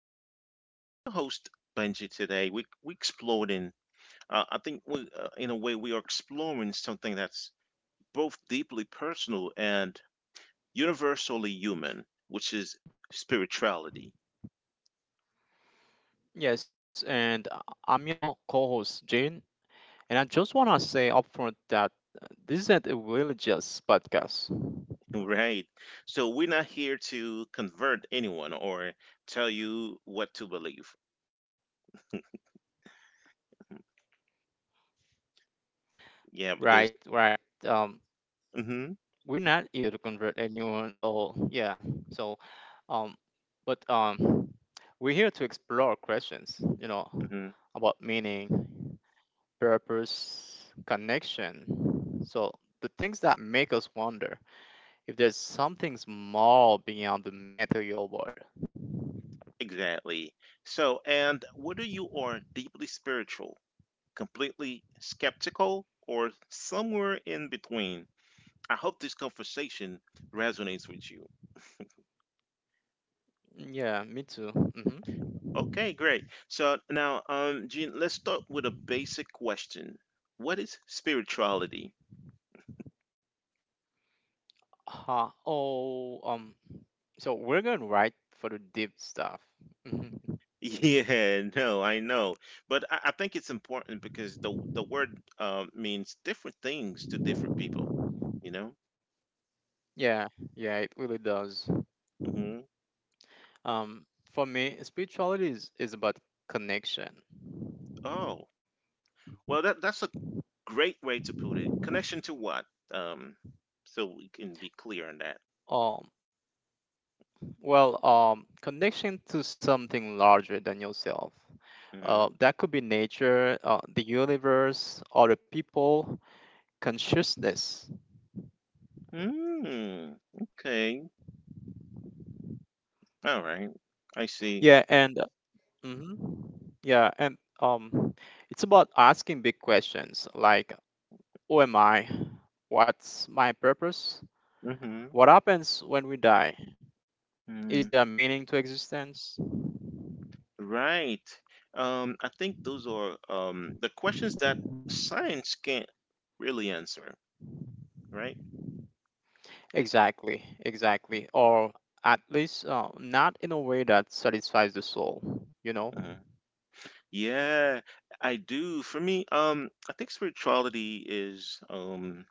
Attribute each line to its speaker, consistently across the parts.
Speaker 1: Beyond. I'm your host, Benji, today. We exploring. I think we, in a way, we are exploring something that's both deeply personal and universally human, which is spirituality.
Speaker 2: Yes, and I'm your co host, Jane. And I just want to say upfront that this isn't a religious podcast.
Speaker 1: Right. So we're not here to convert anyone or tell you what to believe. Yeah, because
Speaker 2: Right, right.
Speaker 1: hmm
Speaker 2: We're not here to convert anyone or, yeah. So, um, but we're here to explore questions, you know,
Speaker 1: hmm
Speaker 2: about meaning, purpose, connection. So, the things that make us wonder if there's something small beyond the material world.
Speaker 1: exactly. So, and whether you are deeply spiritual, completely skeptical, or somewhere in between. I hope this conversation resonates with you.
Speaker 2: Yeah, me too. Mhm.
Speaker 1: Okay, great. So now, Gene, let's start with a basic question. What is spirituality?
Speaker 2: Oh, so we're going right for the deep stuff. Mhm.
Speaker 1: Yeah, no, I know, but I think it's important because the word means different things to different people. You know.
Speaker 2: Yeah, yeah, it really does.
Speaker 1: Hmm
Speaker 2: Um, for me, spirituality is about connection.
Speaker 1: Oh, well, that's a great way to put it. Connection to what? Um, so we can be clear on that.
Speaker 2: Um, well, connection to something larger than yourself.
Speaker 1: Mhm.
Speaker 2: That could be nature, the universe, other people, consciousness.
Speaker 1: Mm, okay. All right. I see.
Speaker 2: Yeah, and mhm, yeah, and it's about asking big questions like, who am I? What's my purpose?
Speaker 1: Mm-hmm.
Speaker 2: What happens when we die?
Speaker 1: Mm,
Speaker 2: Is there meaning to existence?
Speaker 1: right. I think those are the questions that science can't really answer, right?
Speaker 2: Exactly, exactly. Or at least not in a way that satisfies the soul, you know?
Speaker 1: Mhm. Yeah, I do. For me, I think spirituality is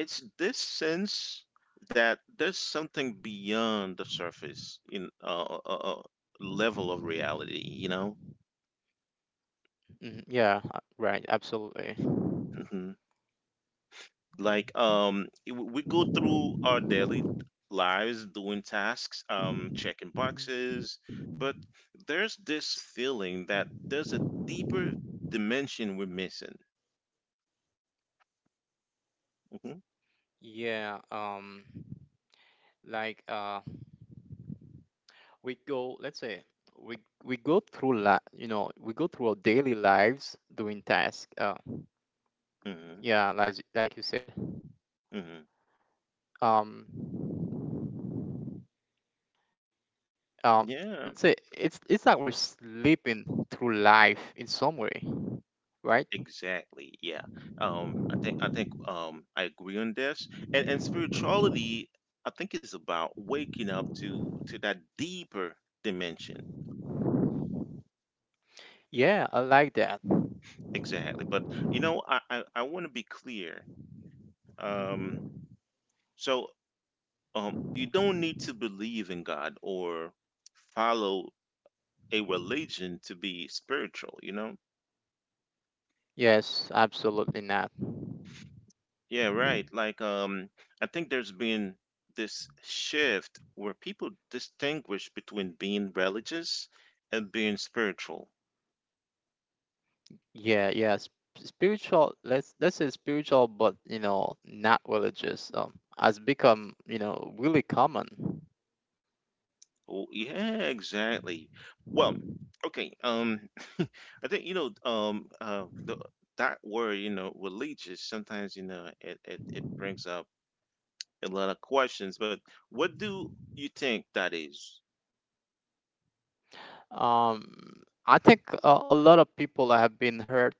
Speaker 1: it's this sense that there's something beyond the surface in level of reality, you know?
Speaker 2: Hmm. Yeah, right, absolutely.
Speaker 1: Mm-hmm. Like we go through our daily lives doing tasks, checking boxes, but there's this feeling that there's a deeper dimension we're missing. Hmm
Speaker 2: Yeah, like let's say, we we go through la you know, we go through our daily lives doing tasks.
Speaker 1: hmm
Speaker 2: Yeah, like you said.
Speaker 1: hmm
Speaker 2: Um, um, let's
Speaker 1: Yeah,
Speaker 2: say it's like we're slipping through life in some way, right?
Speaker 1: exactly. Yeah, I think I agree on this, and spirituality, I think, is about waking up to that deeper dimension.
Speaker 2: Yeah, I like that.
Speaker 1: Exactly. But you know, I want to be clear. um So you don't need to believe in God or follow a religion to be spiritual, you know?
Speaker 2: Yes, absolutely not.
Speaker 1: Yeah, right. Like I think there's been this shift where people distinguish between being religious and being spiritual.
Speaker 2: Yeah, yes. Spiritual, let's say spiritual, but you know, not religious, has become you know really common.
Speaker 1: Oh, yeah, exactly. Well, okay. I think you know the that word you know religious sometimes you know it brings up a lot of questions, but what do you think that is?
Speaker 2: Um, I think a lot of people have been hurt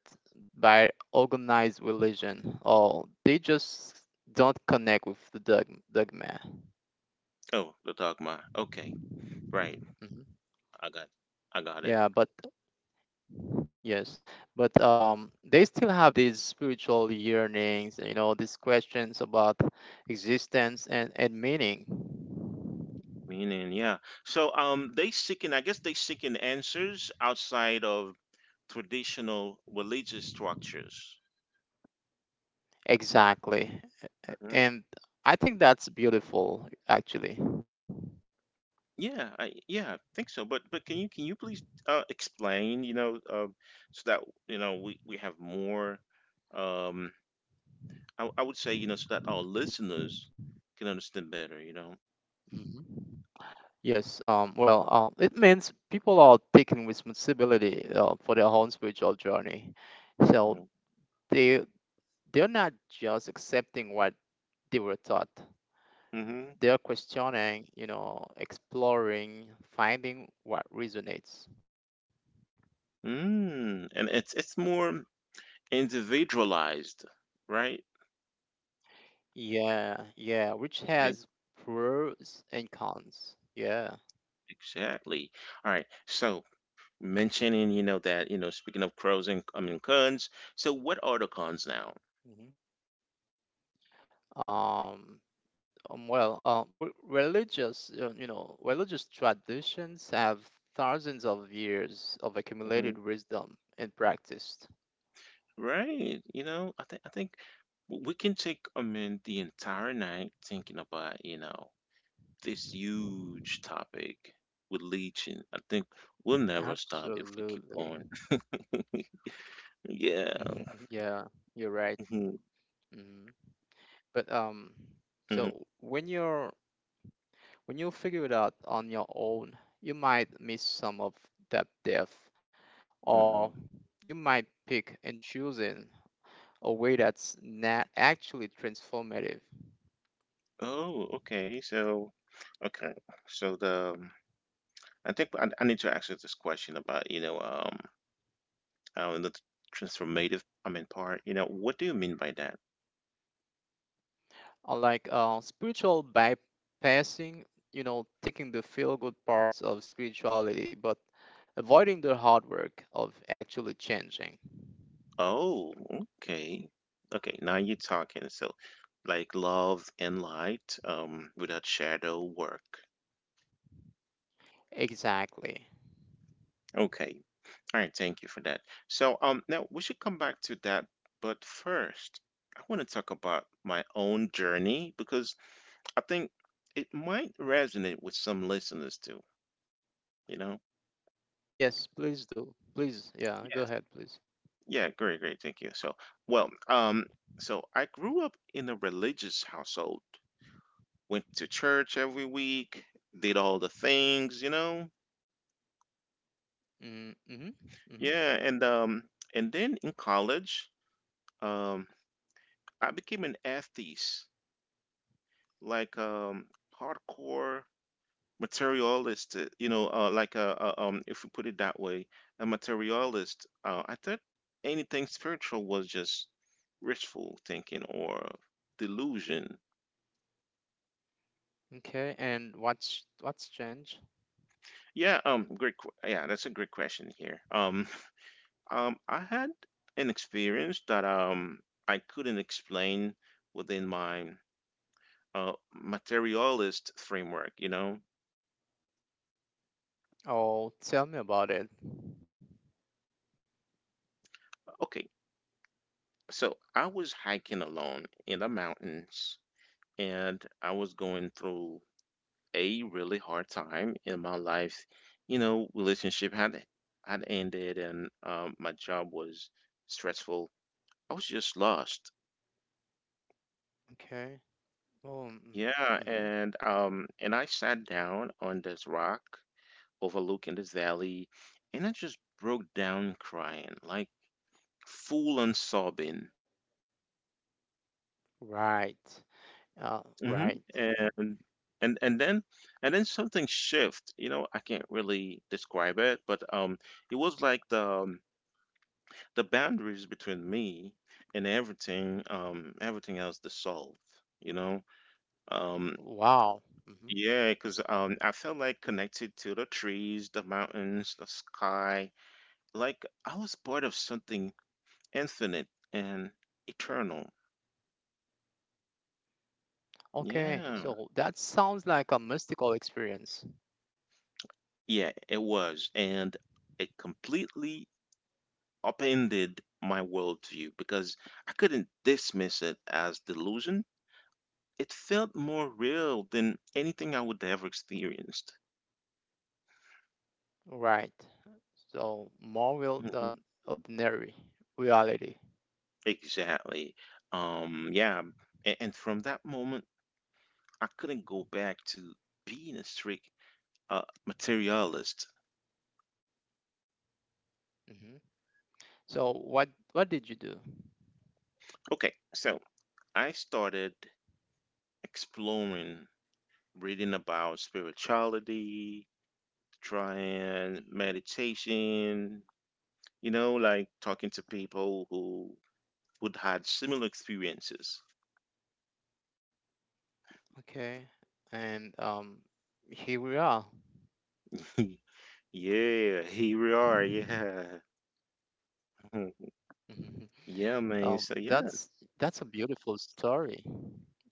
Speaker 2: by organized religion, or they just don't connect with the dogma.
Speaker 1: Oh, the dogma. Okay, right.
Speaker 2: Mhm.
Speaker 1: I got, I got it.
Speaker 2: Yeah, but Yes, but they still have these spiritual yearnings, you know, these questions about existence and meaning.
Speaker 1: Meaning, yeah. So, they seeking. I guess they seeking answers outside of traditional religious structures.
Speaker 2: Exactly.
Speaker 1: Hmm
Speaker 2: And I think that's beautiful, actually.
Speaker 1: Yeah, I yeah, I think so. But can you please explain? You know, so that you know we have more. Um, I would say you know so that our listeners can understand better. You know.
Speaker 2: Hmm. Yes, well, it means people are taking responsibility for their own spiritual journey. So they they're not just accepting what they were taught.
Speaker 1: Hmm
Speaker 2: They're questioning, you know, exploring, finding what resonates.
Speaker 1: Mm, and it's more individualized, right?
Speaker 2: Yeah, yeah, which has
Speaker 1: Okay.
Speaker 2: pros and cons. Yeah.
Speaker 1: Exactly. All right. So mentioning, you know, that, you know, speaking of pros and I mean cons, so what are the cons now?
Speaker 2: Hmm. Um, Religious, you know, religious traditions have thousands of years of accumulated wisdom
Speaker 1: Hmm
Speaker 2: and practice.
Speaker 1: Right. You know, we can take, I mean, the entire night thinking about, you know, this huge topic with leeching. I think we'll never stop if we
Speaker 2: Absolutely.
Speaker 1: keep going. Yeah.
Speaker 2: Mhm. Yeah, you're right.
Speaker 1: hmm
Speaker 2: Hmm. But so
Speaker 1: hmm
Speaker 2: when you figure it out on your own, you might miss some of that depth. Or
Speaker 1: hmm
Speaker 2: you might pick and choosing a way that's not actually transformative.
Speaker 1: Oh, okay. So, okay. So the I think I need to ask you this question about, you know, the transformative, I mean, part, you know, what do you mean by that?
Speaker 2: Or like spiritual bypassing, you know, taking the feel good parts of spirituality, but avoiding the hard work of actually changing.
Speaker 1: Oh, okay. Okay, now you're talking. So, like love and light, without shadow work.
Speaker 2: Exactly.
Speaker 1: Okay. All right, thank you for that. So, now we should come back to that, but first, I want to talk about my own journey because I think it might resonate with some listeners too, you know?
Speaker 2: Yes, please do. Please, yeah, go ahead,
Speaker 1: Yes.
Speaker 2: please.
Speaker 1: Yeah, great, great. Thank you. So, well, so I grew up in a religious household, went to church every week, did all the things, you know?
Speaker 2: Mm. Mm-hmm. Mm-hmm.
Speaker 1: Yeah, and then in college, um I became an atheist, like hardcore materialist, you know, like a if we put it that way, a materialist. I thought anything spiritual was just wishful thinking or delusion.
Speaker 2: Okay, and what's changed?
Speaker 1: Yeah, great. Yeah, that's a great question here. I had an experience that I couldn't explain within my materialist framework. You know,
Speaker 2: Oh, tell me about it.
Speaker 1: okay. So I was hiking alone in the mountains, and I was going through a really hard time in my life. You know, relationship had ended, and my job was stressful. I was just lost.
Speaker 2: Okay. Oh,
Speaker 1: Yeah,
Speaker 2: mm-hmm. Mm-hmm.
Speaker 1: and I sat down on this rock overlooking this valley, and I just broke down crying, like full on sobbing.
Speaker 2: Right.
Speaker 1: Hmm
Speaker 2: Right.
Speaker 1: And and and then and then something shift. You know, I can't really describe it, but it was like the boundaries between me and everything else dissolved, you know, um,
Speaker 2: Wow. Hmm.
Speaker 1: yeah, because um, I felt like connected to the trees, the mountains, the sky, like I was part of something infinite and eternal.
Speaker 2: Okay,
Speaker 1: yeah
Speaker 2: so that sounds like a mystical experience.
Speaker 1: yeah It was, and it completely upended my worldview because I couldn't dismiss it as delusion. It felt more real than anything I would ever experienced.
Speaker 2: Right. So more real
Speaker 1: Mhm.
Speaker 2: than ordinary reality.
Speaker 1: Exactly. Yeah, and from that moment, I couldn't go back to being a strict uh, materialist.
Speaker 2: Hmm. So what did you do?
Speaker 1: Okay, so I started exploring, reading about spirituality, trying meditation, you know, like talking to people who would had similar experiences.
Speaker 2: Okay, and here we are.
Speaker 1: Yeah, here we are. Yeah.
Speaker 2: Mhm.
Speaker 1: Yeah, man.
Speaker 2: Um,
Speaker 1: So yeah.
Speaker 2: that's that's a beautiful story,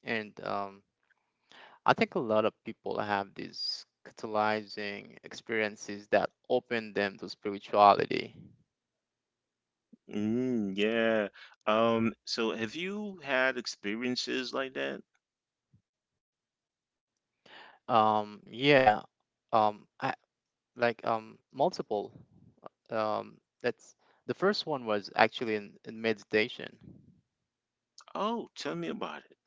Speaker 2: and I think a lot of people have these catalyzing experiences that open them to spirituality.
Speaker 1: Mm, yeah. So have you had experiences like that?
Speaker 2: Yeah, I like multiple. That's the first one was actually in meditation.
Speaker 1: Oh, tell me about it.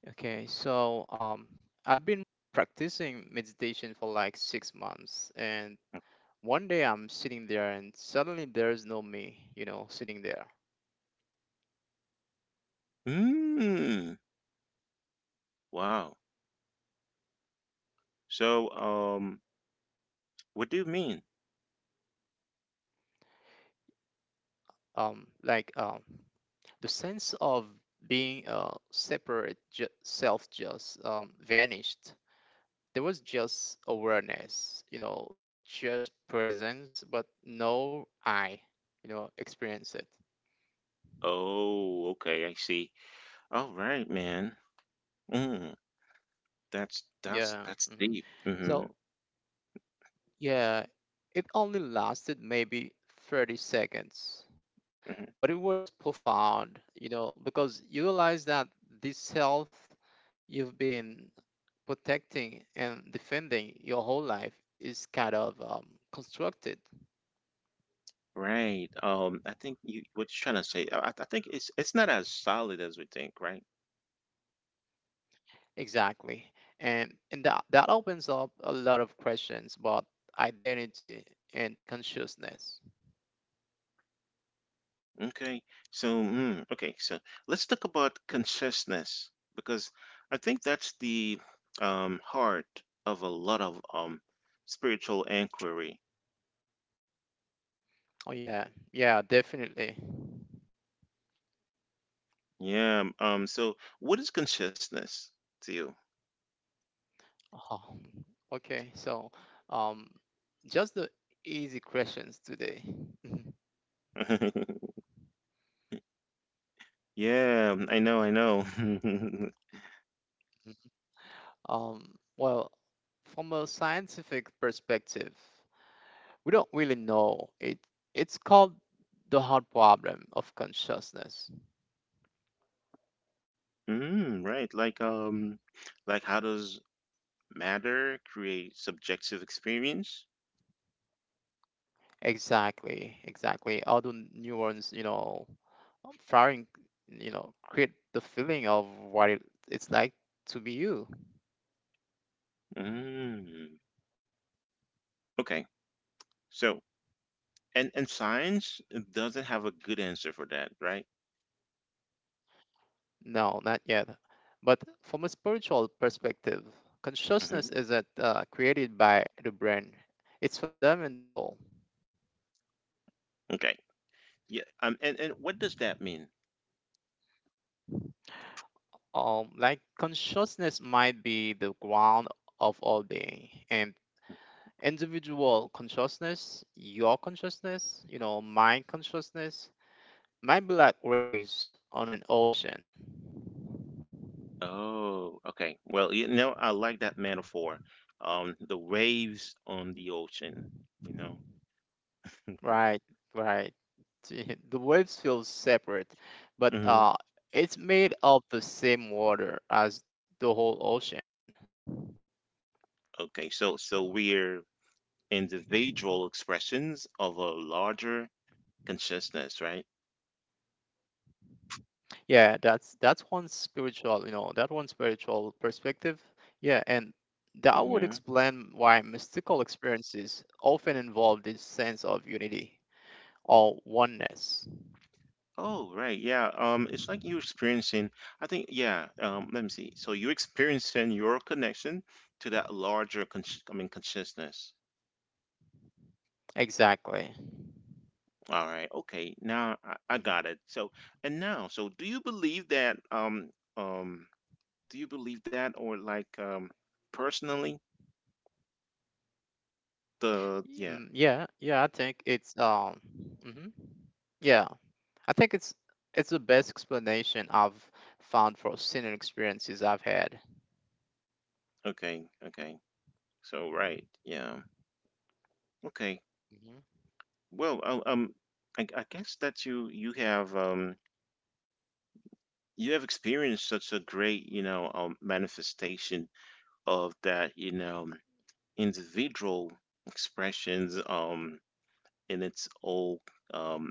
Speaker 2: Okay, so I'd been practicing meditation for like 6 months, and one day I'm sitting there, and suddenly there's no me, you know, sitting there.
Speaker 1: Mm, wow. So, what do you mean?
Speaker 2: Like the sense of being separate self just vanished. There was just awareness, you know, just presence, but no I, you know, experience it.
Speaker 1: Oh, okay, I see. All right, man. Mm,
Speaker 2: Yeah.
Speaker 1: that's
Speaker 2: Hmm.
Speaker 1: deep. Hmm
Speaker 2: So, yeah, it only lasted maybe 30 seconds,
Speaker 1: hmm
Speaker 2: but it was profound, you know, because you realize that this self you've been protecting and defending your whole life is kind of constructed.
Speaker 1: Right. I think you what you're trying to say. I think it's not as solid as we think, right?
Speaker 2: Exactly. And that opens up a lot of questions about identity and consciousness.
Speaker 1: Okay. So, mm, okay. So let's talk about consciousness because I think that's the heart of a lot of spiritual inquiry.
Speaker 2: Oh yeah. Yeah, definitely.
Speaker 1: Yeah. So, what is consciousness to you?
Speaker 2: Oh, okay. So, um just the easy questions today. Mhm.
Speaker 1: Yeah. I know. I know.
Speaker 2: Well, from a scientific perspective, we don't really know. It's called the hard problem of consciousness.
Speaker 1: Mm, right. Like how does matter create subjective experience?
Speaker 2: Exactly, exactly. Although neurons, you know, firing, you know, create the feeling of what it, it's like to be you.
Speaker 1: Mm. Okay. So, and science doesn't have a good answer for that, right?
Speaker 2: No, not yet. But from a spiritual perspective,
Speaker 1: Mhm.
Speaker 2: consciousness isn't created by the brain. It's fundamental.
Speaker 1: Okay. Yeah. And what does that mean?
Speaker 2: Like consciousness might be the ground of all being, and individual consciousness, your consciousness, you know, mind consciousness, might be like waves on an ocean.
Speaker 1: Oh. Okay. Well, you know, I like that metaphor. The waves on the ocean. You know.
Speaker 2: Right, right. The waves feel separate, but
Speaker 1: hmm
Speaker 2: it's made of the same water as the whole ocean.
Speaker 1: Okay. So we're individual expressions of a larger consciousness, right?
Speaker 2: Yeah, that's one spiritual, you know, that one spiritual perspective. Yeah, and that would
Speaker 1: hmm
Speaker 2: explain why mystical experiences often involve this sense of unity or oneness.
Speaker 1: Oh, right. Yeah. It's like you're experiencing. I think. Yeah. Let me see. So you're experiencing your connection to that larger. I mean, consciousness.
Speaker 2: Exactly.
Speaker 1: All right. Okay. Now I got it. So, and now, so do you believe that, um, do you believe that or like, personally, the, yeah.
Speaker 2: Hmm. Yeah, yeah, I think it's mhm. Yeah, I think it's the best explanation I've found for senior experiences I've had.
Speaker 1: Okay. Okay. So, right. Yeah. Okay.
Speaker 2: Hmm.
Speaker 1: Well, I guess that you have experienced such a great, you know, manifestation of that, you know, individual expressions, in its old, um,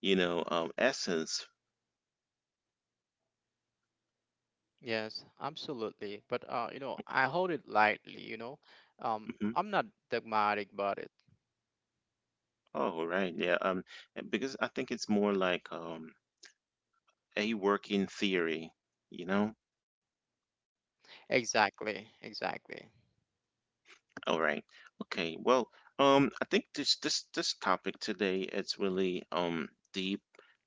Speaker 1: you know, essence.
Speaker 2: Yes, absolutely. But you know, I hold it lightly. You know,
Speaker 1: Mm-hmm.
Speaker 2: I'm not dogmatic about it.
Speaker 1: Oh, right. Yeah. Because I think it's more like a working theory, you know?
Speaker 2: Exactly, exactly.
Speaker 1: All right. Okay. Well, I think this topic today it's really deep,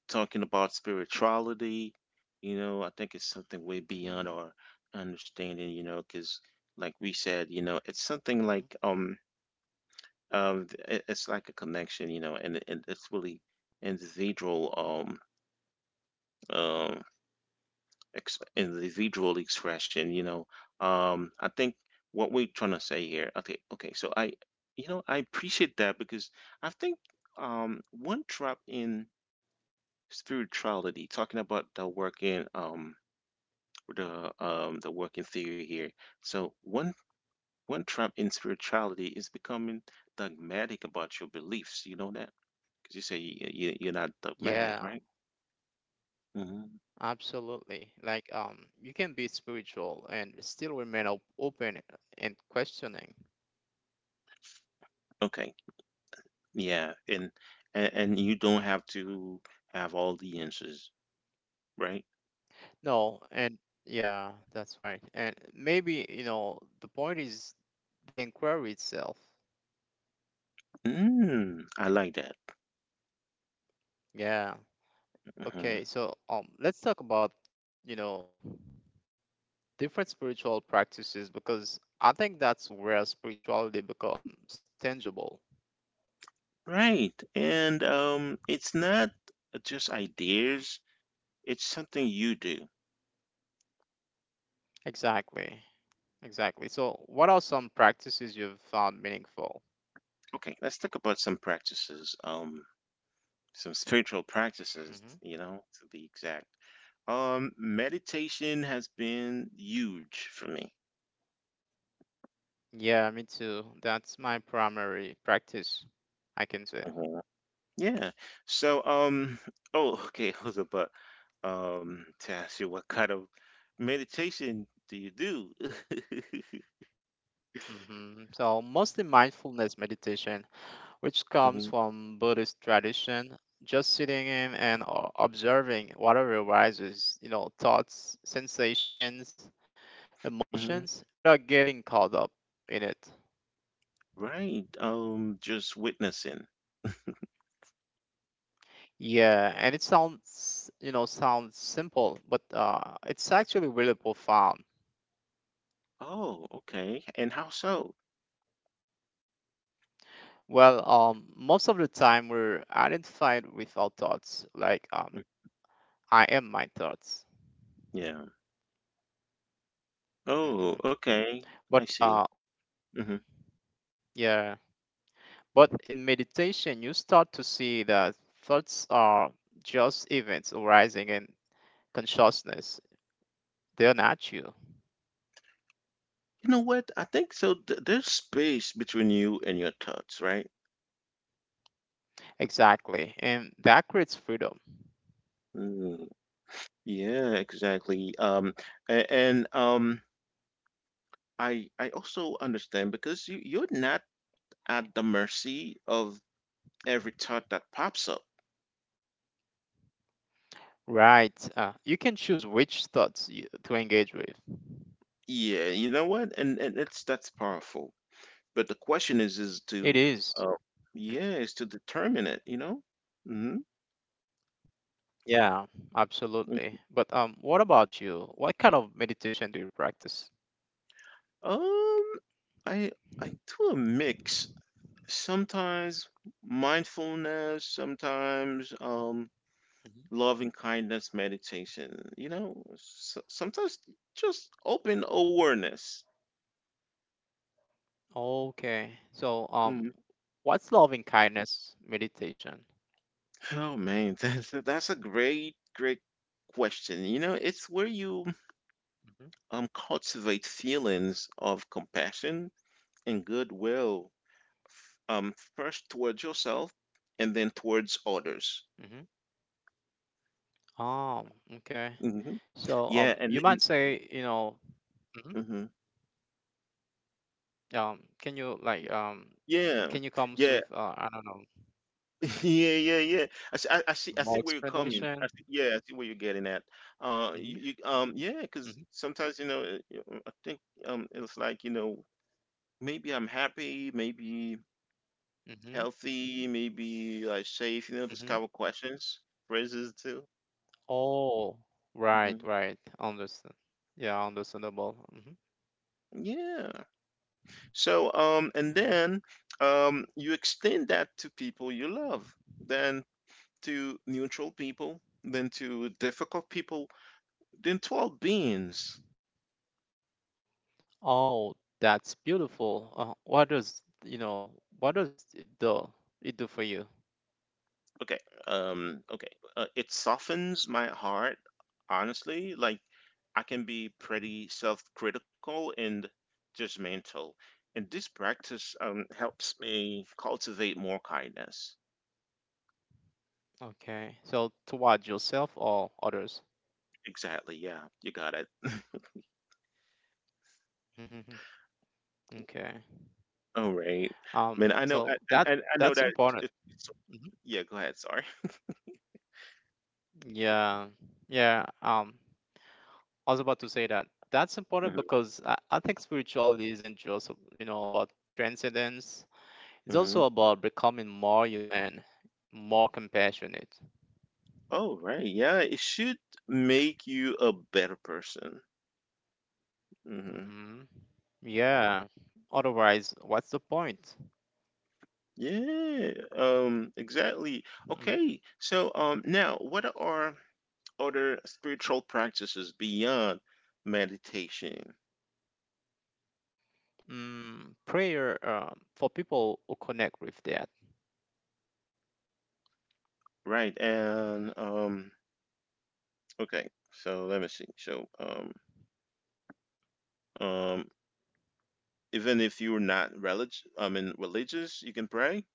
Speaker 1: talking about spirituality, you know, I think it's something way beyond our
Speaker 2: Hmm.
Speaker 1: understanding, you know, because like we said, you know, it's something like
Speaker 2: Hmm.
Speaker 1: it's like a connection, you know, and it's really integral um individual expression, you know, um, I think what we're trying to say here, okay, okay. So I, you know, I appreciate that because I think one drop in spirituality, talking about the working theory here, so one trap in spirituality is becoming dogmatic about your beliefs, you know, that because you say you're not dogmatic, right?
Speaker 2: Yeah,
Speaker 1: hmm
Speaker 2: absolutely. Like, you can be spiritual and still remain open and questioning.
Speaker 1: Okay. Yeah, and and you don't have to have all the answers, right?
Speaker 2: No, and yeah, that's right. And maybe, you know, the point is the inquiry itself.
Speaker 1: Mm, I like that.
Speaker 2: Yeah.
Speaker 1: Hmm
Speaker 2: Okay, so let's talk about, you know, different spiritual practices because I think that's where spirituality becomes tangible.
Speaker 1: Right. And it's not just ideas, it's something you do.
Speaker 2: Exactly. Exactly. So, what are some practices you've found meaningful?
Speaker 1: Okay, let's talk about some practices, some spiritual practices,
Speaker 2: Hmm.
Speaker 1: you know, to be exact. Meditation has been huge for me.
Speaker 2: Yeah, me too. That's my primary practice, I can say.
Speaker 1: Mm-hmm. Yeah. So, oh, okay, Jose, but to ask you, what kind of meditation do you do?
Speaker 2: Hmm. So, mostly mindfulness meditation, which comes
Speaker 1: hmm
Speaker 2: from Buddhist tradition. Just sitting in and observing whatever arises, you know, thoughts, sensations,
Speaker 1: hmm
Speaker 2: emotions, without getting caught up in it.
Speaker 1: Right. Just witnessing.
Speaker 2: Yeah, and it sounds, you know, sounds simple, but it's actually really profound.
Speaker 1: Oh, okay. And how so?
Speaker 2: Well, most of the time we're identified with our thoughts, like
Speaker 1: Mm,
Speaker 2: I am my thoughts.
Speaker 1: yeah. Oh,
Speaker 2: Hmm.
Speaker 1: okay. I
Speaker 2: But
Speaker 1: see. Hmm
Speaker 2: yeah, But in meditation, you start to see that thoughts are just events arising in consciousness. They're not you.
Speaker 1: You know what? I think so. Th there's space between you and your thoughts, right?
Speaker 2: Exactly. And that creates freedom.
Speaker 1: Mm, yeah, exactly. And. I also understand because you you're not at the mercy of every thought that pops up.
Speaker 2: Right. You can choose which thoughts you, to engage with.
Speaker 1: Yeah, you know what? And it's that's powerful. But the question is to
Speaker 2: It
Speaker 1: uh
Speaker 2: is. Mm.
Speaker 1: yeah, is to determine it, you know? Hmm
Speaker 2: Yeah, absolutely. But what about you? What kind of meditation do you practice?
Speaker 1: Um I I do a mix. Sometimes mindfulness, sometimes
Speaker 2: Mhm.
Speaker 1: loving kindness meditation, you know? S Sometimes just open awareness.
Speaker 2: Okay. So
Speaker 1: Mm-hmm.
Speaker 2: what's loving kindness meditation?
Speaker 1: Oh man, that's a great question. You know, it's where you
Speaker 2: Hmm.
Speaker 1: cultivate feelings of compassion and goodwill, first towards yourself and then towards others.
Speaker 2: Mm-hmm. Um, okay.
Speaker 1: Hmm
Speaker 2: So
Speaker 1: Yeah, and
Speaker 2: you might
Speaker 1: then
Speaker 2: say, you know, mhm,
Speaker 1: hmm
Speaker 2: can you like
Speaker 1: yeah,
Speaker 2: can you
Speaker 1: yeah,
Speaker 2: come with I don't know
Speaker 1: yeah, yeah, yeah. I see, I see, I see where you're
Speaker 2: more
Speaker 1: coming. I see,
Speaker 2: explanation?
Speaker 1: yeah, I see where you're getting at. You,
Speaker 2: Hmm.
Speaker 1: you yeah, because
Speaker 2: Hmm.
Speaker 1: sometimes I think it's like maybe I'm happy, maybe.
Speaker 2: Hmm.
Speaker 1: Healthy, maybe like safe, you know, just couple
Speaker 2: Hmm.
Speaker 1: questions, phrases too.
Speaker 2: Oh,
Speaker 1: Hmm
Speaker 2: right, right. Understand. Yeah, understandable. Hmm.
Speaker 1: Yeah. So, and
Speaker 2: Hmm.
Speaker 1: then, you extend that to people you love, then to neutral people, then to difficult people, then to all beings.
Speaker 2: Oh, that's beautiful. What does you know? What does it do? It do for you?
Speaker 1: Okay. Okay. It softens my heart, honestly. Like, I can be pretty self critical and judgmental. And this practice helps me cultivate more kindness.
Speaker 2: Okay. So toward yourself or others?
Speaker 1: Exactly. Yeah, you got it.
Speaker 2: Hmm. Okay.
Speaker 1: All right.
Speaker 2: Um.
Speaker 1: Man, I know,
Speaker 2: So that
Speaker 1: I know
Speaker 2: that's
Speaker 1: that
Speaker 2: important.
Speaker 1: it's,
Speaker 2: Mm-hmm.
Speaker 1: yeah, go ahead. Sorry.
Speaker 2: Yeah, yeah. I was about to say that that's important
Speaker 1: Hmm
Speaker 2: because I think spirituality isn't just, you know, about transcendence. It's
Speaker 1: hmm
Speaker 2: also about becoming more human, more compassionate.
Speaker 1: Oh, right. Yeah, it should make you a better person. Mm-hmm.
Speaker 2: Hmm. Yeah. Otherwise, what's the point?
Speaker 1: Yeah, exactly.
Speaker 2: Mm,
Speaker 1: Okay, so now what are other spiritual practices beyond meditation?
Speaker 2: mm, Prayer, for people who connect with that.
Speaker 1: Right, and okay, so let me see. So, um, even if you're not relig. I mean religious, you can pray.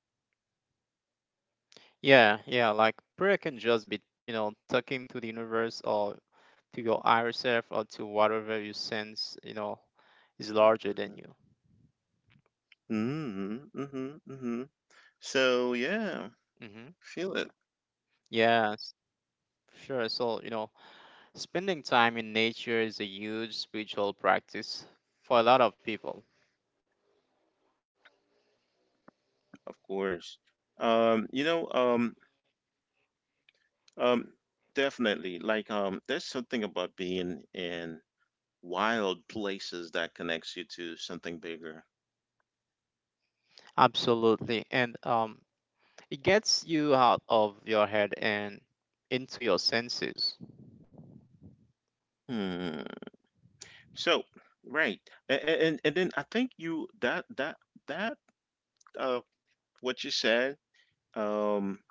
Speaker 2: Yeah, yeah. Like prayer can just be, you know, talking to the universe or to your higher self or to whatever you sense, you know, is larger than you.
Speaker 1: Mm-hmm, mm-hmm, mm-hmm. So yeah,
Speaker 2: Hmm.
Speaker 1: feel it,
Speaker 2: Yes, sure. So, you know, spending time in nature is a huge spiritual practice for a lot of people.
Speaker 1: of course. Um, you know, um, Um, definitely. Like, there's something about being in wild places that connects you to something bigger.
Speaker 2: Absolutely. And it gets you out of your head and into your senses.
Speaker 1: Hmm. So, right. And then I think you that that that uh what you said, um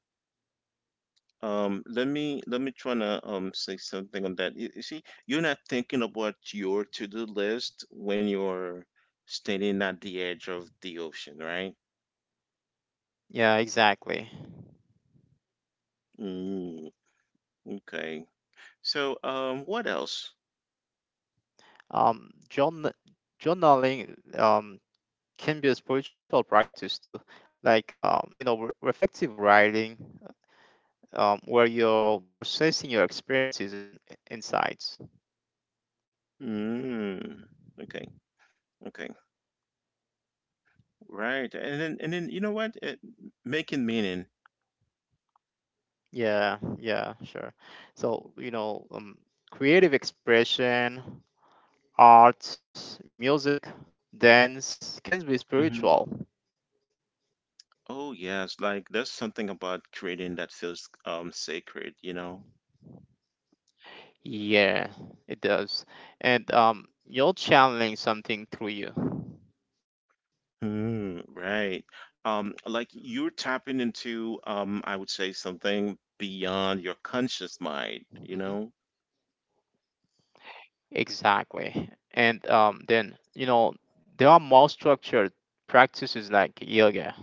Speaker 1: let me try to say something on that. You see, you're not thinking about your to-do list when you're standing at the edge of the ocean, right?
Speaker 2: Yeah, exactly.
Speaker 1: Mm, okay. So, what else?
Speaker 2: Um, journ journaling um, can be a spiritual practice too. Like, you know, re reflective writing where you're processing your experiences and insights.
Speaker 1: Mm. Okay. Okay. Right. And then you know what? It, making meaning.
Speaker 2: Yeah, yeah, sure. So, you know, creative expression, arts, music, dance can be spiritual.
Speaker 1: Hmm Oh yes, like there's something about creating that feels sacred, you know?
Speaker 2: Yeah, it does. And you're channeling something through you.
Speaker 1: Mm, right. Like you're tapping into I would say something beyond your conscious mind,
Speaker 2: Mhm.
Speaker 1: you know?
Speaker 2: Exactly. And then, you know, there are more structured practices like yoga.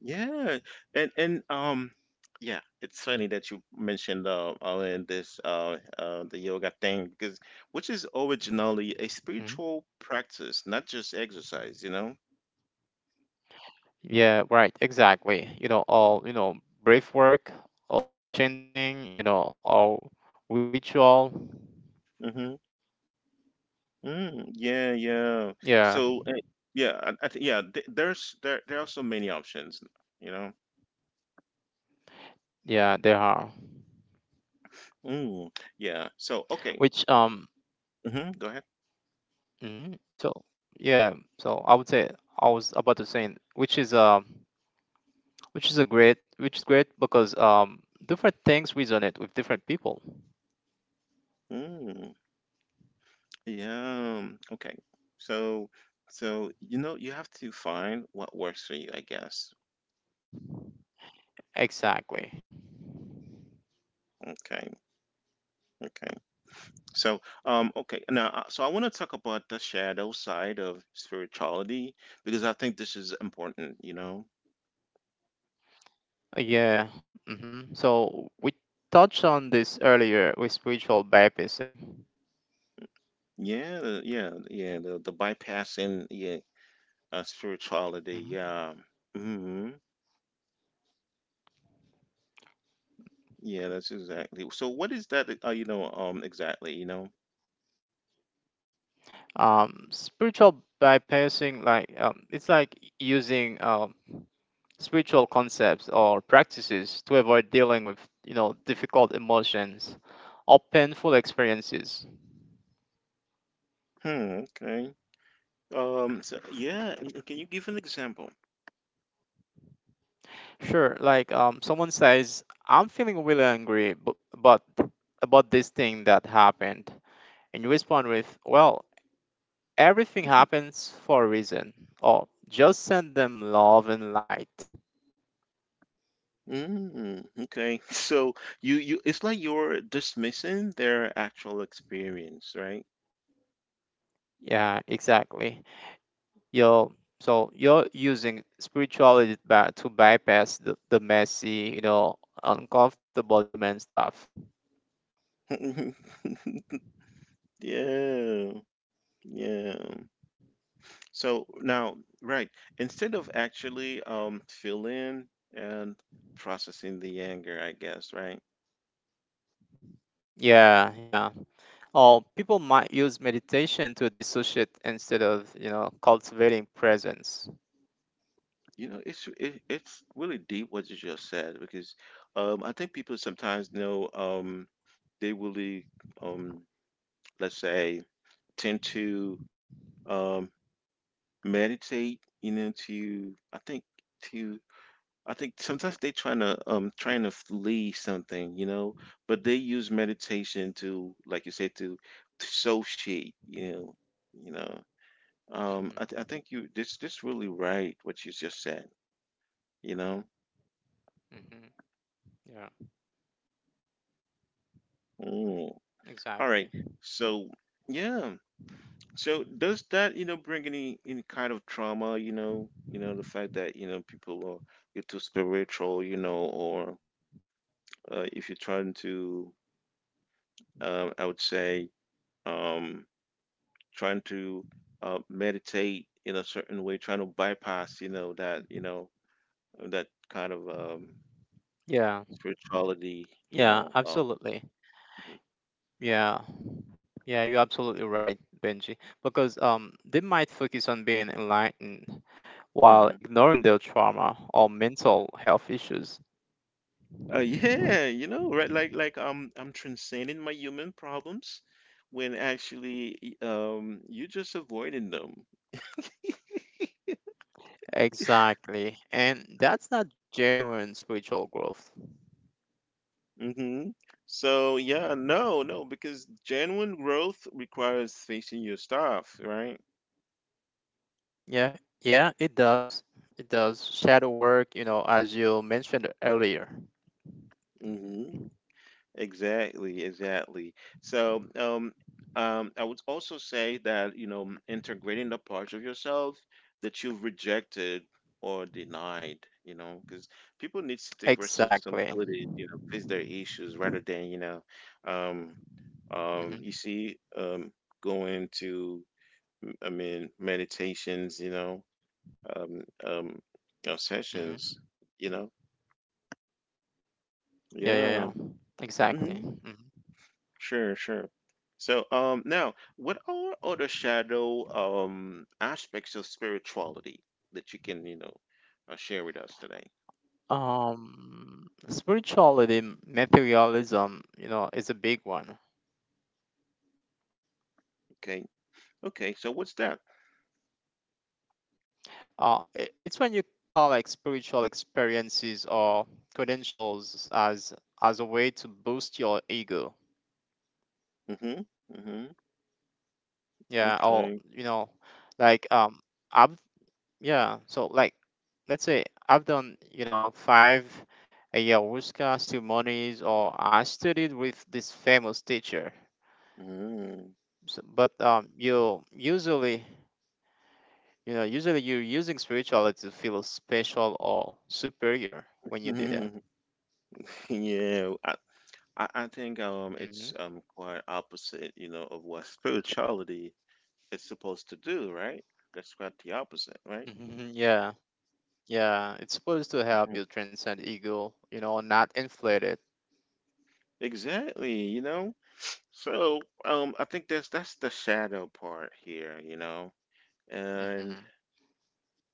Speaker 1: Yeah, and yeah, it's funny that you mentioned all in this the yoga thing because which is originally a spiritual practice, not just exercise, you know.
Speaker 2: Yeah, right, exactly. You know, all, you know, brief work, all chanting, you know, all ritual.
Speaker 1: Mm-hmm. Mm, yeah, yeah.
Speaker 2: Yeah,
Speaker 1: So yeah, I th yeah. Th there's there there are so many options, you know.
Speaker 2: yeah, they are.
Speaker 1: Mm, yeah. So okay.
Speaker 2: Which,
Speaker 1: Mm-hmm. Go ahead.
Speaker 2: mhm, so yeah, so I was about to say, which is great because different things resonate with different people.
Speaker 1: Mm, yeah. Okay. So so you know you have to find what works for you, I guess.
Speaker 2: Exactly.
Speaker 1: Okay, okay. So, okay, now, so I want to talk about the shadow side of spirituality because I think this is important, you know?
Speaker 2: Yeah. Hmm. So we touched on this earlier with spiritual bypassing.
Speaker 1: Yeah, the bypassing, yeah, spirituality,
Speaker 2: Mm-hmm.
Speaker 1: yeah. hmm Yeah, that's exactly. So what is that, you know, exactly, you know?
Speaker 2: Spiritual bypassing, like it's like using spiritual concepts or practices to avoid dealing with, you know, difficult emotions or painful experiences.
Speaker 1: Hmm, okay. So yeah, and- can you give an example?
Speaker 2: Sure, like someone says, I'm feeling really angry but about this thing that happened, and you respond with, well, everything
Speaker 1: Mm-hmm.
Speaker 2: happens for a reason, or just send them love and light.
Speaker 1: Mm, okay. So you it's like you're dismissing their actual experience, right?
Speaker 2: Yeah, exactly. You're So you're using spirituality to bypass the messy, you know, uncomfortable human stuff.
Speaker 1: Yeah. Yeah. So now, right, instead of actually feeling and processing the anger, I guess, right?
Speaker 2: Yeah, yeah. Or people might use meditation to dissociate instead of, you know, cultivating presence.
Speaker 1: You know, it's really deep what you just said because I think people sometimes know they really um let's say tend to um meditate, you know, to I think sometimes they trying to trying to flee something, you know, but they use meditation to like you said to associate, you know, you know. I
Speaker 2: Hmm.
Speaker 1: think you this this really right what you just said, you know.
Speaker 2: Hmm. Yeah,
Speaker 1: Mm. All
Speaker 2: exactly.
Speaker 1: right, so yeah, so does that you know bring any kind of trauma, you know the fact that you know people are you're too spiritual, you know, or if you're trying to, I would say, um, trying to meditate in a certain way, trying to bypass, you know, that kind of
Speaker 2: Yeah,
Speaker 1: spirituality, you
Speaker 2: yeah,
Speaker 1: know.
Speaker 2: absolutely.
Speaker 1: Mhm,
Speaker 2: Yeah, yeah, you're absolutely right, Benji. Because they might focus on being enlightened while
Speaker 1: mhm.
Speaker 2: ignoring their trauma or mental health issues.
Speaker 1: Yeah, you know, right? Like, I'm transcending my human problems when actually you're just avoiding them.
Speaker 2: Exactly. And that's not genuine spiritual growth.
Speaker 1: Hmm So yeah, no, no, because genuine growth requires facing your stuff, right?
Speaker 2: Yeah, yeah, it does. It does. Shadow work, you know, as you mentioned earlier.
Speaker 1: Exactly, exactly. So, I would also say that, you know, integrating the parts of yourself that you've rejected or denied, you know, because people need to take responsibility,
Speaker 2: Exactly.
Speaker 1: you know, face their issues rather than, you know, um, you
Speaker 2: Hmm.
Speaker 1: see, going to, I mean, meditations, you know, um, um, sessions,
Speaker 2: Hmm.
Speaker 1: you know,
Speaker 2: Yeah, yeah,
Speaker 1: yeah.
Speaker 2: yeah. Exactly.
Speaker 1: Mm-hmm.
Speaker 2: Hmm.
Speaker 1: Sure, sure. So, now, what are other shadow aspects of spirituality that you can, you know, share with us today?
Speaker 2: Spirituality, materialism, you know, is a big one.
Speaker 1: Okay, okay. So, what's that?
Speaker 2: It's when you call like spiritual experiences or credentials as a way to boost your ego.
Speaker 1: Mm-hmm. Mm-hmm.
Speaker 2: Yeah, or
Speaker 1: Okay.
Speaker 2: you know, like I've, yeah. Let's say I've done five ayahuasca ceremonies, or I studied with this famous teacher.
Speaker 1: Mm-hmm.
Speaker 2: So, but you usually usually you're using spirituality to feel special or superior when you do that.
Speaker 1: Yeah, I think
Speaker 2: Hmm
Speaker 1: it's quite opposite, you know, of what spirituality is supposed to do, right? That's quite the opposite, right?
Speaker 2: hmm yeah. It's supposed to help you
Speaker 1: Mhm.
Speaker 2: transcend ego, you know, not inflate it.
Speaker 1: Exactly, you know. So, I think that's the shadow part here, you know. And
Speaker 2: Hmm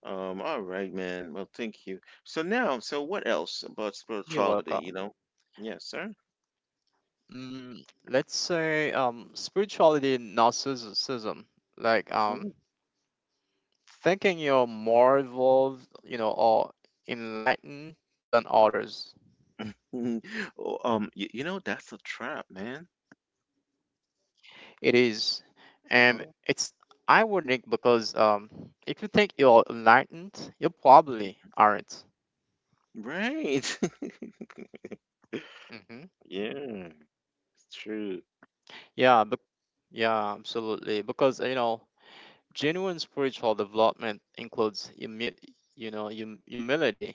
Speaker 1: all right, man. Well, thank you. So now, so what else about
Speaker 2: You're
Speaker 1: spirituality, you
Speaker 2: welcome.
Speaker 1: know? Yes, sir.
Speaker 2: Mm, let's say spirituality and narcissism like
Speaker 1: Mhm.
Speaker 2: um thinking you're more evolved you know or enlightened than others.
Speaker 1: Mhm. Oh, you know, that's a trap, man.
Speaker 2: It is, and
Speaker 1: Uh-huh.
Speaker 2: it's ironic because if you think you're enlightened you probably aren't.
Speaker 1: Right.
Speaker 2: Hmm
Speaker 1: Yeah, it's true.
Speaker 2: yeah but yeah absolutely, because you know genuine spiritual development includes humility.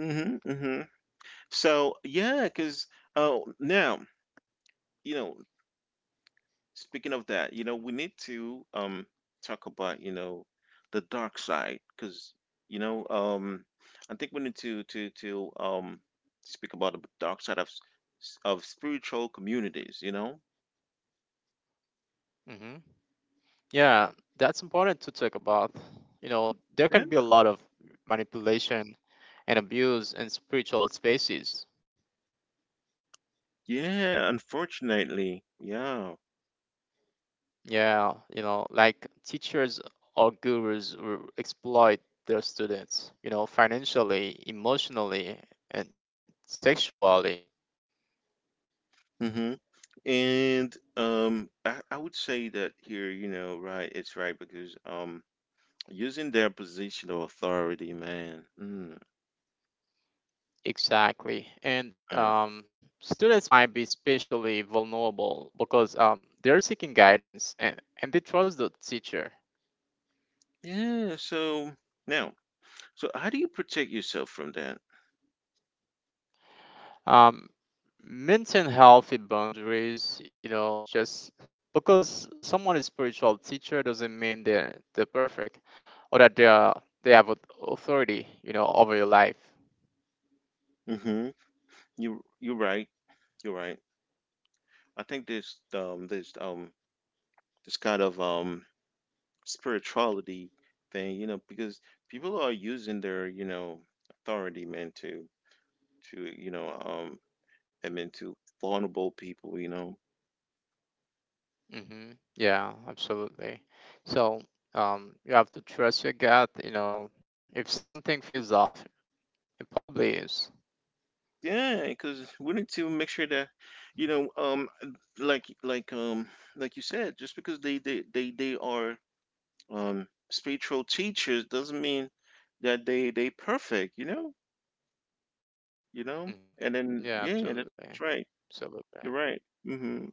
Speaker 1: Mm-hmm, mm-hmm. So yeah, because oh now you know speaking of that, you know, we need to talk about, you know, the dark side because you know, I think we need to speak about the dark side of of spiritual communities, you know?
Speaker 2: Yeah, that's important to talk about. You know, there can be a
Speaker 1: Yeah.
Speaker 2: lot of manipulation and abuse in spiritual spaces.
Speaker 1: Yeah, unfortunately. Yeah.
Speaker 2: Yeah, you know, like teachers or gurus will exploit their students, you know, financially, emotionally, and sexually.
Speaker 1: hmm And I would say that here, you know, right, it's right because using their position of authority, man. Mm,
Speaker 2: Exactly. And
Speaker 1: mm.
Speaker 2: students might be especially vulnerable because they're seeking guidance and they trust the teacher.
Speaker 1: Yeah, so now so how do you protect yourself from that?
Speaker 2: um, Maintain healthy boundaries, you know. Just because someone is spiritual teacher doesn't mean they're perfect, or that they have authority, you know, over your life.
Speaker 1: Hmm You're right. You're right. I think this kind of spirituality thing, you know, because people are using their you know authority man to you know I mean to vulnerable people, you know.
Speaker 2: Hmm yeah absolutely. So you have to trust your gut, you know. If something feels off, it probably is.
Speaker 1: Yeah, because we need to make sure that you know like like um like you said, just because they are spiritual teachers doesn't mean that they perfect, you know, you know.
Speaker 2: Hmm
Speaker 1: And then
Speaker 2: yeah
Speaker 1: yeah,
Speaker 2: absolutely
Speaker 1: that's right.
Speaker 2: absolutely.
Speaker 1: You're right. hmm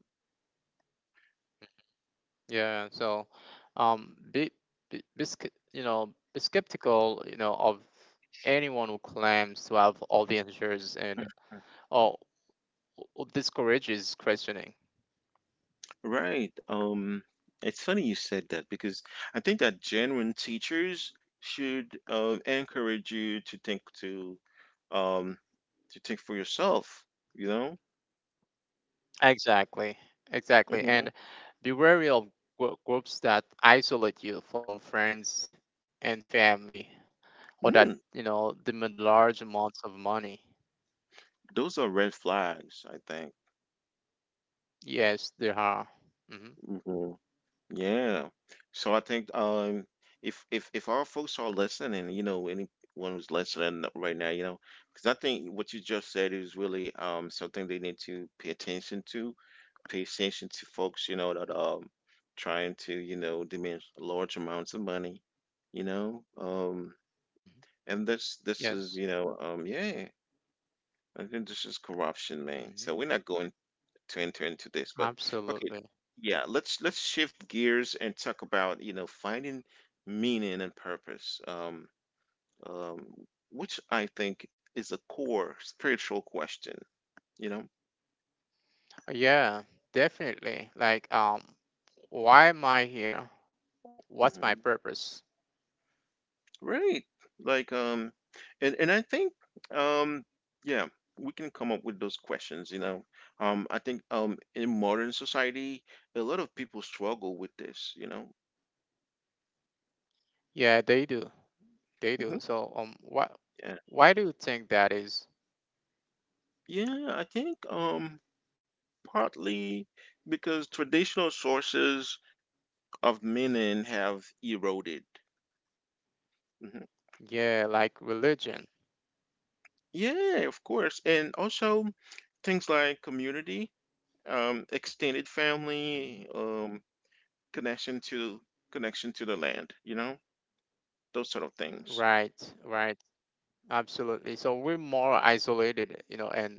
Speaker 2: Yeah, so um, be, you know, be skeptical, you know, of anyone who claims to have all the answers, and or or discourages questioning.
Speaker 1: Right. It's funny you said that because I think that genuine teachers should encourage you um to think for yourself, you know?
Speaker 2: Exactly, exactly.
Speaker 1: Hmm
Speaker 2: And be wary of groups that isolate you from friends and family, or that
Speaker 1: Mm,
Speaker 2: you know demand large amounts of money.
Speaker 1: those are red flags, I think.
Speaker 2: Yes, there are. Hmm
Speaker 1: Mm-hmm. Yeah. So I think if our folks are listening, you know, anyone who's listening right now, you know, because I think what you just said is really something they need to pay attention to. Pay attention to folks, you know, that trying to, you know, demand large amounts of money, you know.
Speaker 2: hmm
Speaker 1: And this this
Speaker 2: Yes.
Speaker 1: is, you know, yeah, I think this is corruption, man.
Speaker 2: hmm
Speaker 1: So we're not going to enter into this. But okay,
Speaker 2: Absolutely.
Speaker 1: yeah, let's shift gears and talk about you know finding meaning and purpose, um, which I think is a core spiritual question. You know,
Speaker 2: Yeah, definitely. Like, why am I here? What's my
Speaker 1: hmm
Speaker 2: purpose?
Speaker 1: right? Like, and I think, um, yeah, we can come up with those questions. You know, I think in modern society, a lot of people struggle with this. You know.
Speaker 2: Yeah, they do. They do.
Speaker 1: Hmm
Speaker 2: So, what?
Speaker 1: yeah.
Speaker 2: Why do you think that is?
Speaker 1: Yeah, I think partly because traditional sources of meaning have eroded. Mhm.
Speaker 2: Yeah, like religion.
Speaker 1: Yeah, of course. And also things like community, extended
Speaker 2: Mhm.
Speaker 1: family, connection to connection to the land, you know, those sort of things.
Speaker 2: Right, right. Absolutely. So we're more isolated, you know, and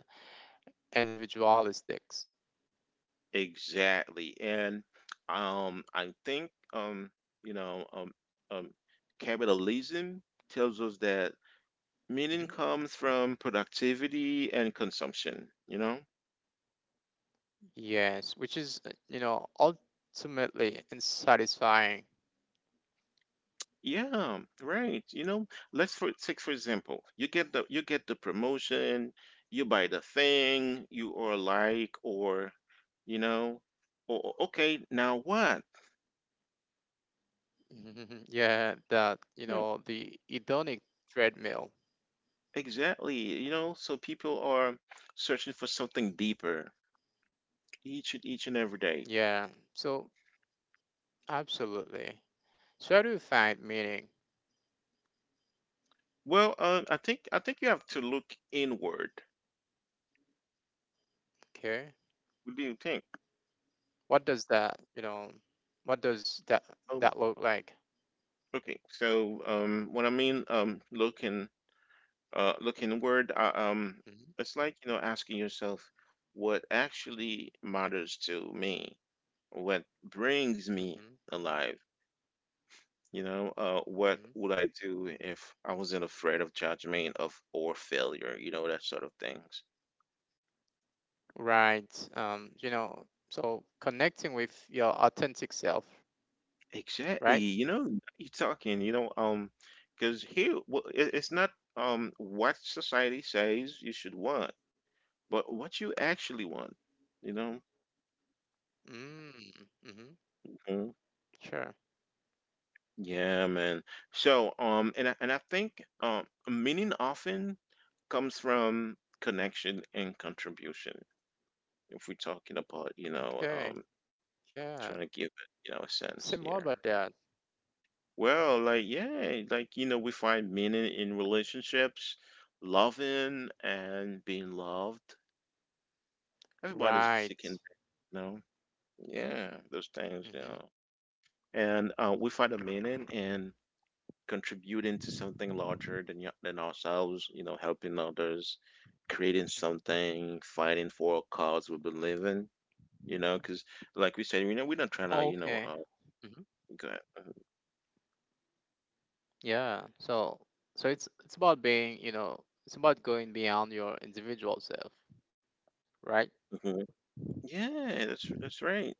Speaker 2: individualistic.
Speaker 1: Exactly. And I think you know, um, um, capitalism tells us that meaning
Speaker 2: Mhm.
Speaker 1: comes from productivity and consumption, you know?
Speaker 2: Yes, which is, you know, ultimately unsatisfying.
Speaker 1: Yeah, right. You know, let's for take for example, you get the promotion, you buy the thing you or like, or you know, or, okay, now what?
Speaker 2: Mhm. Yeah, that,
Speaker 1: Yeah,
Speaker 2: you know, the hedonic treadmill.
Speaker 1: exactly. You know, so people are searching for something deeper each and every day.
Speaker 2: Yeah. So absolutely. So how do you find meaning?
Speaker 1: Well, I think you have to look inward.
Speaker 2: Okay.
Speaker 1: What do you think?
Speaker 2: What does that, you know, what does that
Speaker 1: Um,
Speaker 2: look like?
Speaker 1: okay, so what I mean, looking look inward.
Speaker 2: Hmm
Speaker 1: It's like you know asking yourself what actually matters to me, what brings me
Speaker 2: hmm
Speaker 1: alive. You know, what
Speaker 2: hmm
Speaker 1: would I do if I wasn't afraid of judgment of or failure? You know that sort of things.
Speaker 2: Right. You know, so connecting with your authentic self,
Speaker 1: Exactly.
Speaker 2: right?
Speaker 1: You know, you're talking. You know, because here well, it's not what society says you should want, but what you actually want. You know.
Speaker 2: Mm-hmm. hmm Sure.
Speaker 1: Yeah, man. So, and I think meaning often comes from connection and contribution. If we're talking about, you know,
Speaker 2: Okay. Yeah.
Speaker 1: trying to give it, you know, a sense
Speaker 2: Say more
Speaker 1: here.
Speaker 2: about that.
Speaker 1: Well, like yeah, like you know, we find meaning in relationships, loving and being loved. Everybody's seeking,
Speaker 2: Right.
Speaker 1: you know, yeah, those things, you know.
Speaker 2: hmm
Speaker 1: And we find a meaning in contributing to something larger than than ourselves, you know, helping others, creating
Speaker 2: hmm
Speaker 1: something, fighting for a cause we believe in, you know, because like we said, you know, we're not trying to,
Speaker 2: Okay.
Speaker 1: you know,
Speaker 2: hmm
Speaker 1: go ahead.
Speaker 2: Yeah. So it's about being, you know, it's about going beyond your individual self, right?
Speaker 1: Mhm. Yeah, that's right.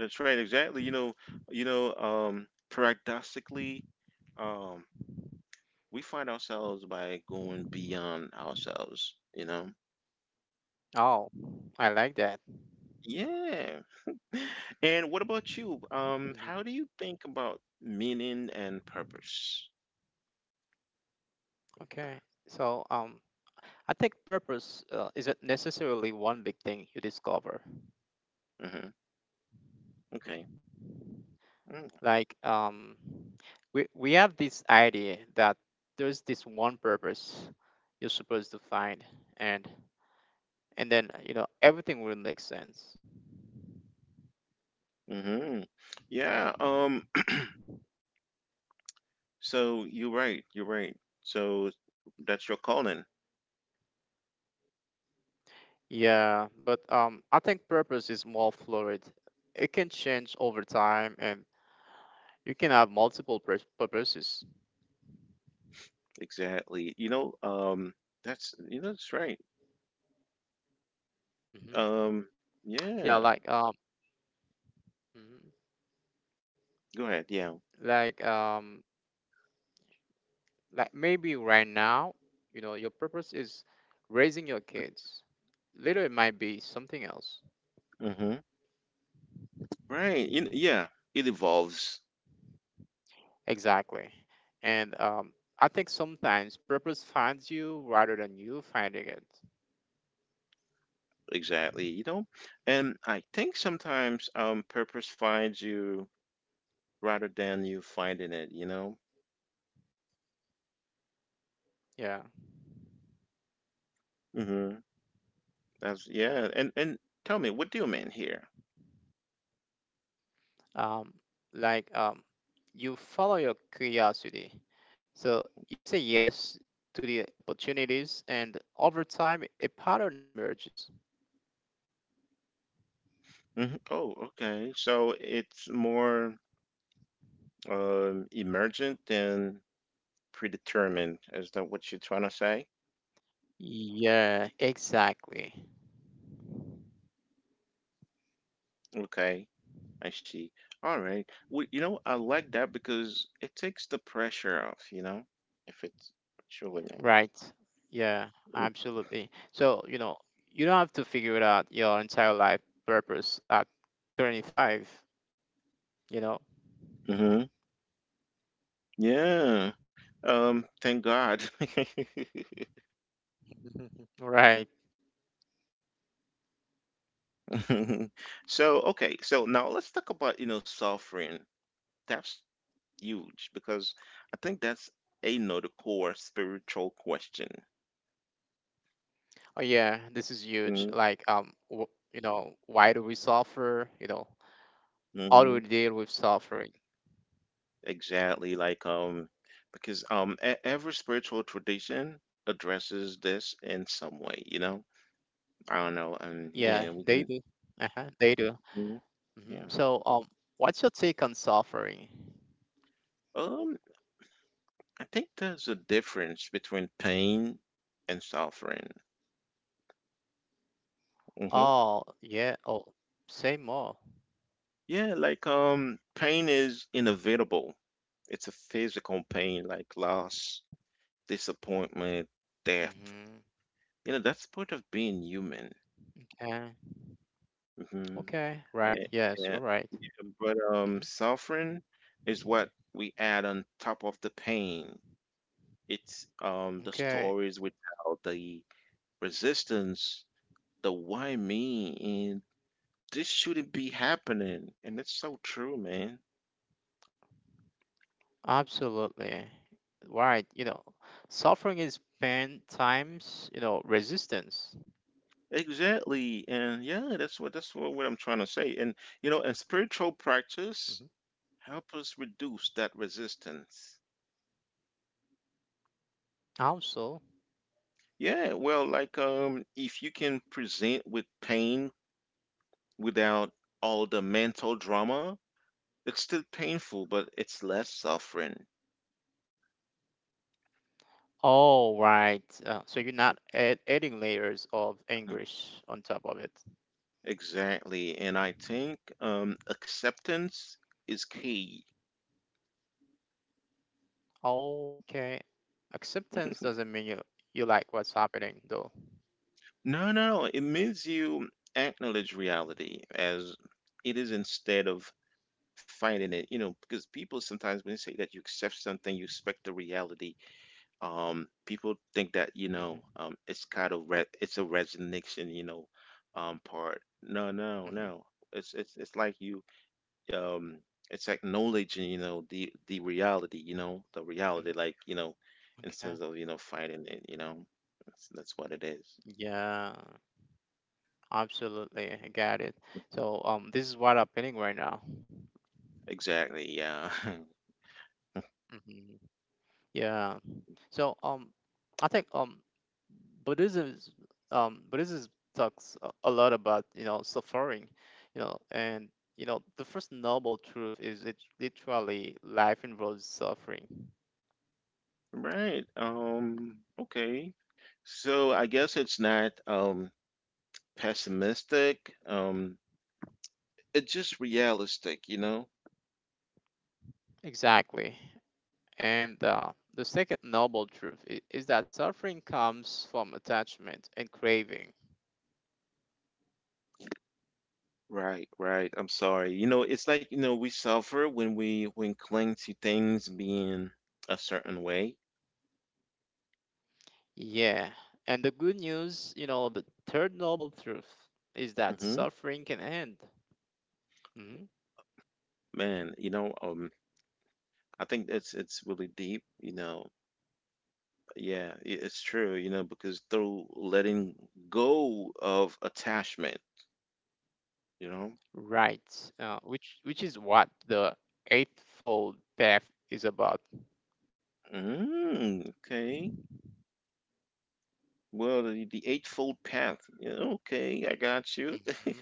Speaker 1: That's right, exactly. You know, paradoxically, um, we find ourselves by going beyond ourselves, you know.
Speaker 2: Oh, I like that.
Speaker 1: Yeah, and what about you? Um,
Speaker 2: Mhm.
Speaker 1: how do you think about meaning and purpose?
Speaker 2: Okay. So, I think purpose isn't necessarily one big thing you discover.
Speaker 1: Hmm. Okay. Mm.
Speaker 2: Like, we have this idea that there's this one purpose you're supposed to find, and and then you know everything will make sense.
Speaker 1: Mm-hmm. Yeah. So you're right. You're right. So that's your calling.
Speaker 2: Yeah, but I think purpose is more fluid. It can change over time, and you can have multiple purposes.
Speaker 1: Exactly. You know. That's. That's right.
Speaker 2: Hmm
Speaker 1: Um.
Speaker 2: Yeah,
Speaker 1: Yeah.
Speaker 2: like um. Mhm.
Speaker 1: Go ahead. Yeah.
Speaker 2: Like um like maybe right now, you know, your purpose is raising your kids. Later it might be something else.
Speaker 1: Mm-hmm. Right. Yeah. It evolves.
Speaker 2: Exactly. And I think sometimes purpose finds you rather than you finding it.
Speaker 1: Exactly. And I think sometimes purpose finds you rather than you finding it. You know.
Speaker 2: Yeah.
Speaker 1: Mhm. That's yeah. And tell me, what do you mean here?
Speaker 2: Um like um you follow your curiosity. So you say yes to the opportunities, and over time a pattern emerges.
Speaker 1: Mhm. Oh, okay. So it's more emergent than predetermined. Is that what you're trying to say?
Speaker 2: Yeah, exactly.
Speaker 1: Okay, I see. All right. Well, you know, I like that because it takes the pressure off, you know, if it's truly man.
Speaker 2: Right. Yeah, absolutely. So, you know, you don't have to figure it out your entire life purpose at 25, you know.
Speaker 1: Mm-hmm. Yeah. Thank God.
Speaker 2: Right.
Speaker 1: So, okay, so now let's talk about, you know, suffering. That's huge because I think that's another core spiritual question.
Speaker 2: Oh yeah, this is huge.
Speaker 1: Hmm.
Speaker 2: Like w you know, why do we suffer? You know, how do we
Speaker 1: Hmm.
Speaker 2: deal with suffering?
Speaker 1: Exactly. Like, because every spiritual tradition addresses this in some way, you know? I don't know.
Speaker 2: Yeah,
Speaker 1: Yeah, we
Speaker 2: they do.
Speaker 1: can.
Speaker 2: Uh-huh, they do.
Speaker 1: Mhm.
Speaker 2: Hmm
Speaker 1: Yeah.
Speaker 2: So what's your take on suffering?
Speaker 1: Um, I think there's a difference between pain and suffering. Hmm.
Speaker 2: Oh, yeah. Oh, say more.
Speaker 1: Yeah, like, pain is inevitable. It's a physical pain, like
Speaker 2: Okay.
Speaker 1: loss, disappointment,
Speaker 2: Mm-hmm.
Speaker 1: death. You know, that's part of being human.
Speaker 2: Okay. Okay.
Speaker 1: Hmm.
Speaker 2: Right. Yes, you're right.
Speaker 1: Yeah, but
Speaker 2: Mhm.
Speaker 1: suffering is what we add on top of the pain. It's the
Speaker 2: Okay,
Speaker 1: stories we tell, the resistance, the why me, and this shouldn't be happening. And it's so true, man.
Speaker 2: absolutely. Right, you know, suffering is pain times, you know, resistance.
Speaker 1: Exactly. And yeah, that's what I'm trying to say. And you know, and spiritual practice
Speaker 2: Hmm
Speaker 1: help us reduce that resistance.
Speaker 2: Also,
Speaker 1: Yeah, well, like if you can present with pain without all the mental drama, it's still painful, but it's less suffering.
Speaker 2: oh, right. So you're not adding layers of
Speaker 1: Mhm.
Speaker 2: anguish on top of it.
Speaker 1: Exactly. And I think acceptance is key.
Speaker 2: Oh, okay. Acceptance doesn't mean you like what's happening, though.
Speaker 1: No, no, it means you acknowledge reality as it is instead of fighting it, you know, because people sometimes when they say that you accept something, you expect the reality, people think that you
Speaker 2: Hmm
Speaker 1: know, it's kind of it's a resignation, you know, part. No, no,
Speaker 2: hmm
Speaker 1: no. It's like you, um, it's acknowledging, you know, the reality, you know, the reality,
Speaker 2: hmm
Speaker 1: like, you know, instead
Speaker 2: Okay.
Speaker 1: of, you know, fighting it, you know, that's what it is.
Speaker 2: Yeah, absolutely. I got it. So this is what happening right now.
Speaker 1: Exactly. Yeah.
Speaker 2: Yeah. So I think Buddhism is Buddhism talks a lot about you know suffering, you know, and you know the first noble truth is it literally life involves suffering.
Speaker 1: Right. Okay. So I guess it's not pessimistic. It's just realistic, you know?
Speaker 2: Exactly. And the second noble truth is that suffering comes from attachment and craving.
Speaker 1: Right, right. I'm sorry. You know, it's like, you know, we suffer when we when cling to things being a certain way.
Speaker 2: Yeah. And the good news, you know, the third noble truth is that
Speaker 1: Hmm.
Speaker 2: suffering can end.
Speaker 1: Man, you know, I think it's really deep, you know. Yeah, it's true, you know, because through letting go of attachment, you know.
Speaker 2: Right, which is what the eightfold path is about.
Speaker 1: Mm, okay. Well, the eightfold path. Yeah, okay, I got you.
Speaker 2: Hmm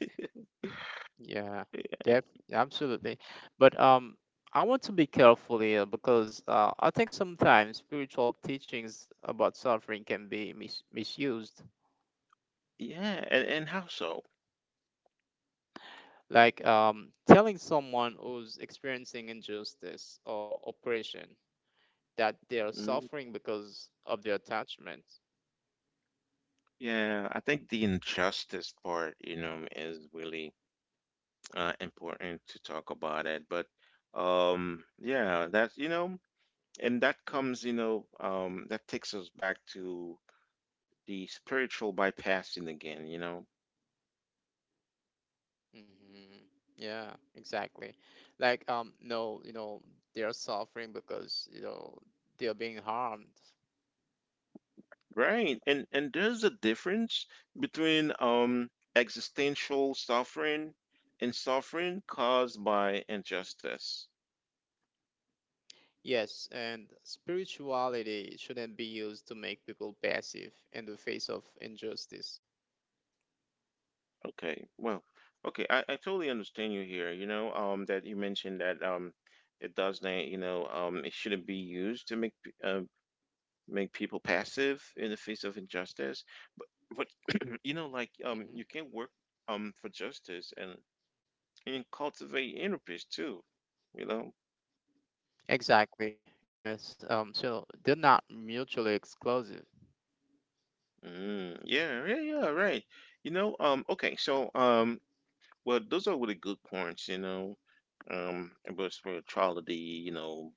Speaker 2: Yeah, def absolutely. But I want to be careful here because I think sometimes spiritual teachings about suffering can be misused.
Speaker 1: Yeah, and how so?
Speaker 2: Like telling someone who's experiencing injustice or oppression that they are
Speaker 1: Mm.
Speaker 2: suffering because of their attachment.
Speaker 1: Yeah, I think the injustice part, you know, is really important to talk about it. But yeah, that's, you know, and that comes, you know, that takes us back to the spiritual bypassing again, you know.
Speaker 2: Mm-hmm. Yeah, exactly. Like, no, you know, they are suffering because, you know, they are being harmed.
Speaker 1: Right. And there's a difference between existential suffering and suffering caused by injustice.
Speaker 2: Yes, and spirituality shouldn't be used to make people passive in the face of injustice.
Speaker 1: Okay. Well, okay, I totally understand you here, you know, that you mentioned that it does not, you know, it shouldn't be used to make make people passive in the face of injustice. But but you know, like
Speaker 2: Mm-hmm.
Speaker 1: you can work for justice and cultivate inner peace too, you know.
Speaker 2: Exactly. Yes. So they're not mutually exclusive.
Speaker 1: Mm, yeah, yeah, yeah, right. You know, okay, so well, those are really good points, you know, about spirituality, you know,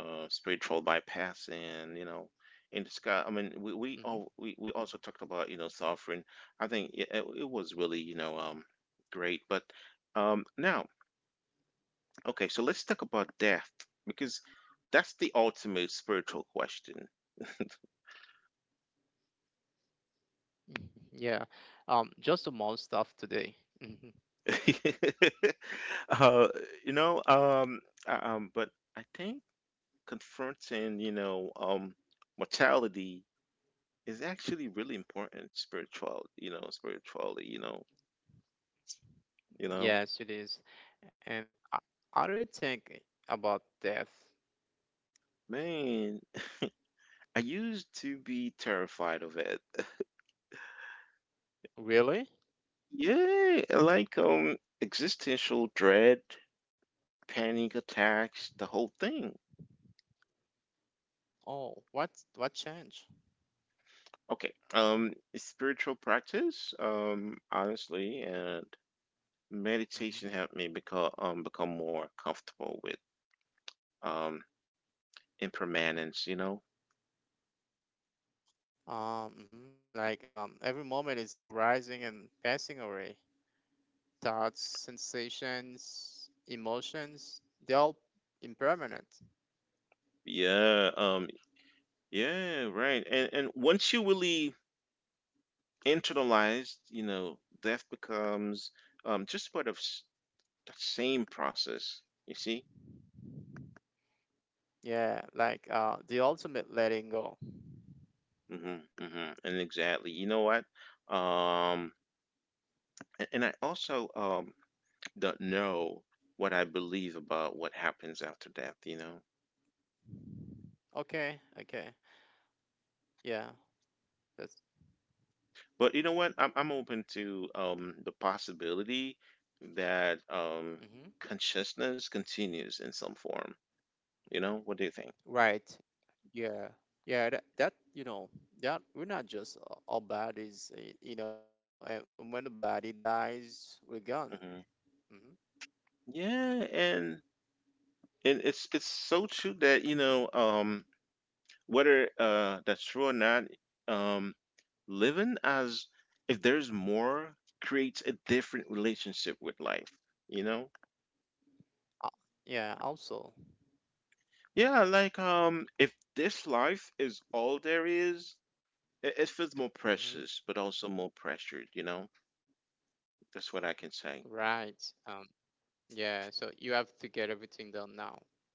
Speaker 1: spiritual bypass, and you know, in the sky. I mean, we
Speaker 2: Hmm
Speaker 1: we all we, we also talked about, you know, suffering. I think it was really, you know, great, but now okay, so let's talk about death because that's the ultimate spiritual question.
Speaker 2: Yeah. Just the most stuff today. Hmm
Speaker 1: uh, you know, but I think confronting, you know, mortality is actually really important spiritual, you know, spiritually, you know,
Speaker 2: Yes, it is. And I don't think about death.
Speaker 1: man, I used to be terrified of it.
Speaker 2: Really?
Speaker 1: Yeah, like existential dread, panic attacks, the whole thing.
Speaker 2: Oh, what change?
Speaker 1: Okay, spiritual practice, honestly, and
Speaker 2: Hmm
Speaker 1: meditation helped me become more comfortable with um impermanence, you know.
Speaker 2: Mhm. Like every moment is arising and passing away. Thoughts, sensations, emotions, they all impermanent.
Speaker 1: Yeah. Yeah, right. And once you really internalize, you know, death becomes just part of the same process, you see.
Speaker 2: Yeah, like the ultimate letting go.
Speaker 1: Mm-hmm. Hmm. And exactly, you know what? Um a- and I also don't know what I believe about what happens after death, you know.
Speaker 2: Okay, okay. Yeah, that's
Speaker 1: But you know what? I'm open to the possibility that
Speaker 2: hmm
Speaker 1: consciousness continues in some form. You know, what do you think?
Speaker 2: right. Yeah, yeah. That you know that we're not just our bodies. You know, and when the body dies, we're gone.
Speaker 1: Hmm.
Speaker 2: Hmm
Speaker 1: Yeah, and it's so true that, you know, whether that's true or not, um living as if there's more creates a different relationship with life, you know?
Speaker 2: Uh, yeah. Also.
Speaker 1: Yeah, like if this life is all there is, it feels more precious,
Speaker 2: Mm-hmm.
Speaker 1: but also more pressured, you know? That's what I can say.
Speaker 2: Right. Yeah, so you have to get everything done now.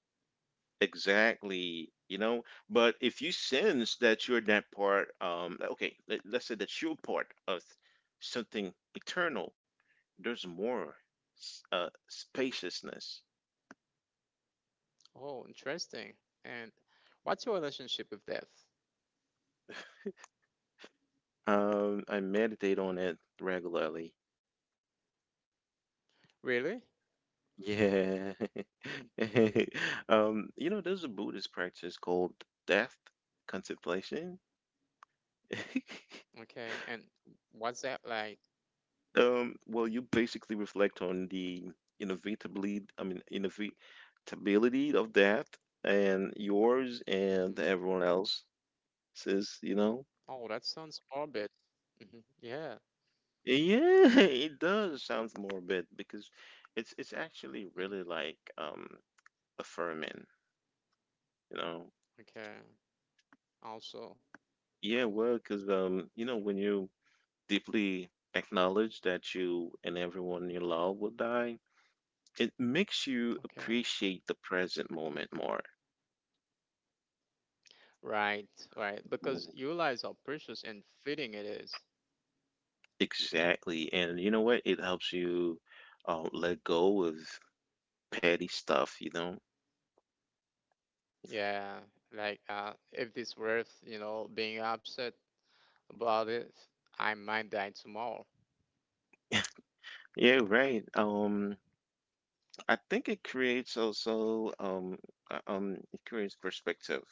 Speaker 1: Exactly, you know? But if you sense that you're that part, okay, let's say that you're part of something eternal, there's more spaciousness.
Speaker 2: Oh, interesting. And what's your relationship with death?
Speaker 1: I meditate on it regularly.
Speaker 2: Really?
Speaker 1: Yeah. You know, there's a Buddhist practice called death contemplation.
Speaker 2: Okay. And what's that like?
Speaker 1: You basically reflect on the innovatably, I mean, innovatability of that, and yours, and
Speaker 2: Mm-hmm.
Speaker 1: everyone else's, you know?
Speaker 2: Oh, that sounds morbid. Mm-hmm. Yeah.
Speaker 1: Yeah,
Speaker 2: Mm-hmm.
Speaker 1: it does. Sounds morbid because it's actually really,
Speaker 2: Mm-hmm.
Speaker 1: like, affirming, you know?
Speaker 2: Okay. Also,
Speaker 1: Yeah, well, because you know, when you deeply acknowledge that you and everyone you love will die, it makes you
Speaker 2: okay.
Speaker 1: appreciate the present moment more.
Speaker 2: Right, right. Because you realize how precious and fitting it is.
Speaker 1: Exactly. And you know what? It helps you let go of petty stuff, you know?
Speaker 2: Yeah. Like, if it's worth, you know, being upset about it, I might die tomorrow.
Speaker 1: Yeah, right. I think it creates also, it creates perspective.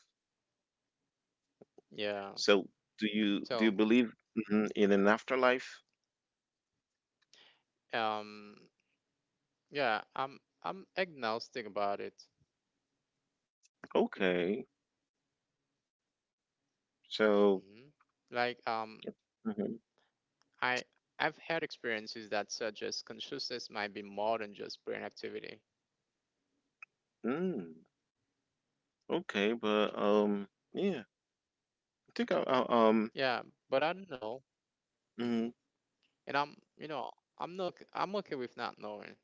Speaker 2: Yeah.
Speaker 1: So do you
Speaker 2: So,
Speaker 1: believe, mhm, in an afterlife?
Speaker 2: um, yeah, I'm agnostic about it.
Speaker 1: Okay. So,
Speaker 2: Hmm Like,
Speaker 1: mhm.
Speaker 2: I I've had experiences that suggest consciousness might be more than just brain activity.
Speaker 1: Mm, okay, but yeah, I think I'll,
Speaker 2: Yeah, but I don't know.
Speaker 1: mm,
Speaker 2: Hmm And I'm, you know, I'm okay with not knowing.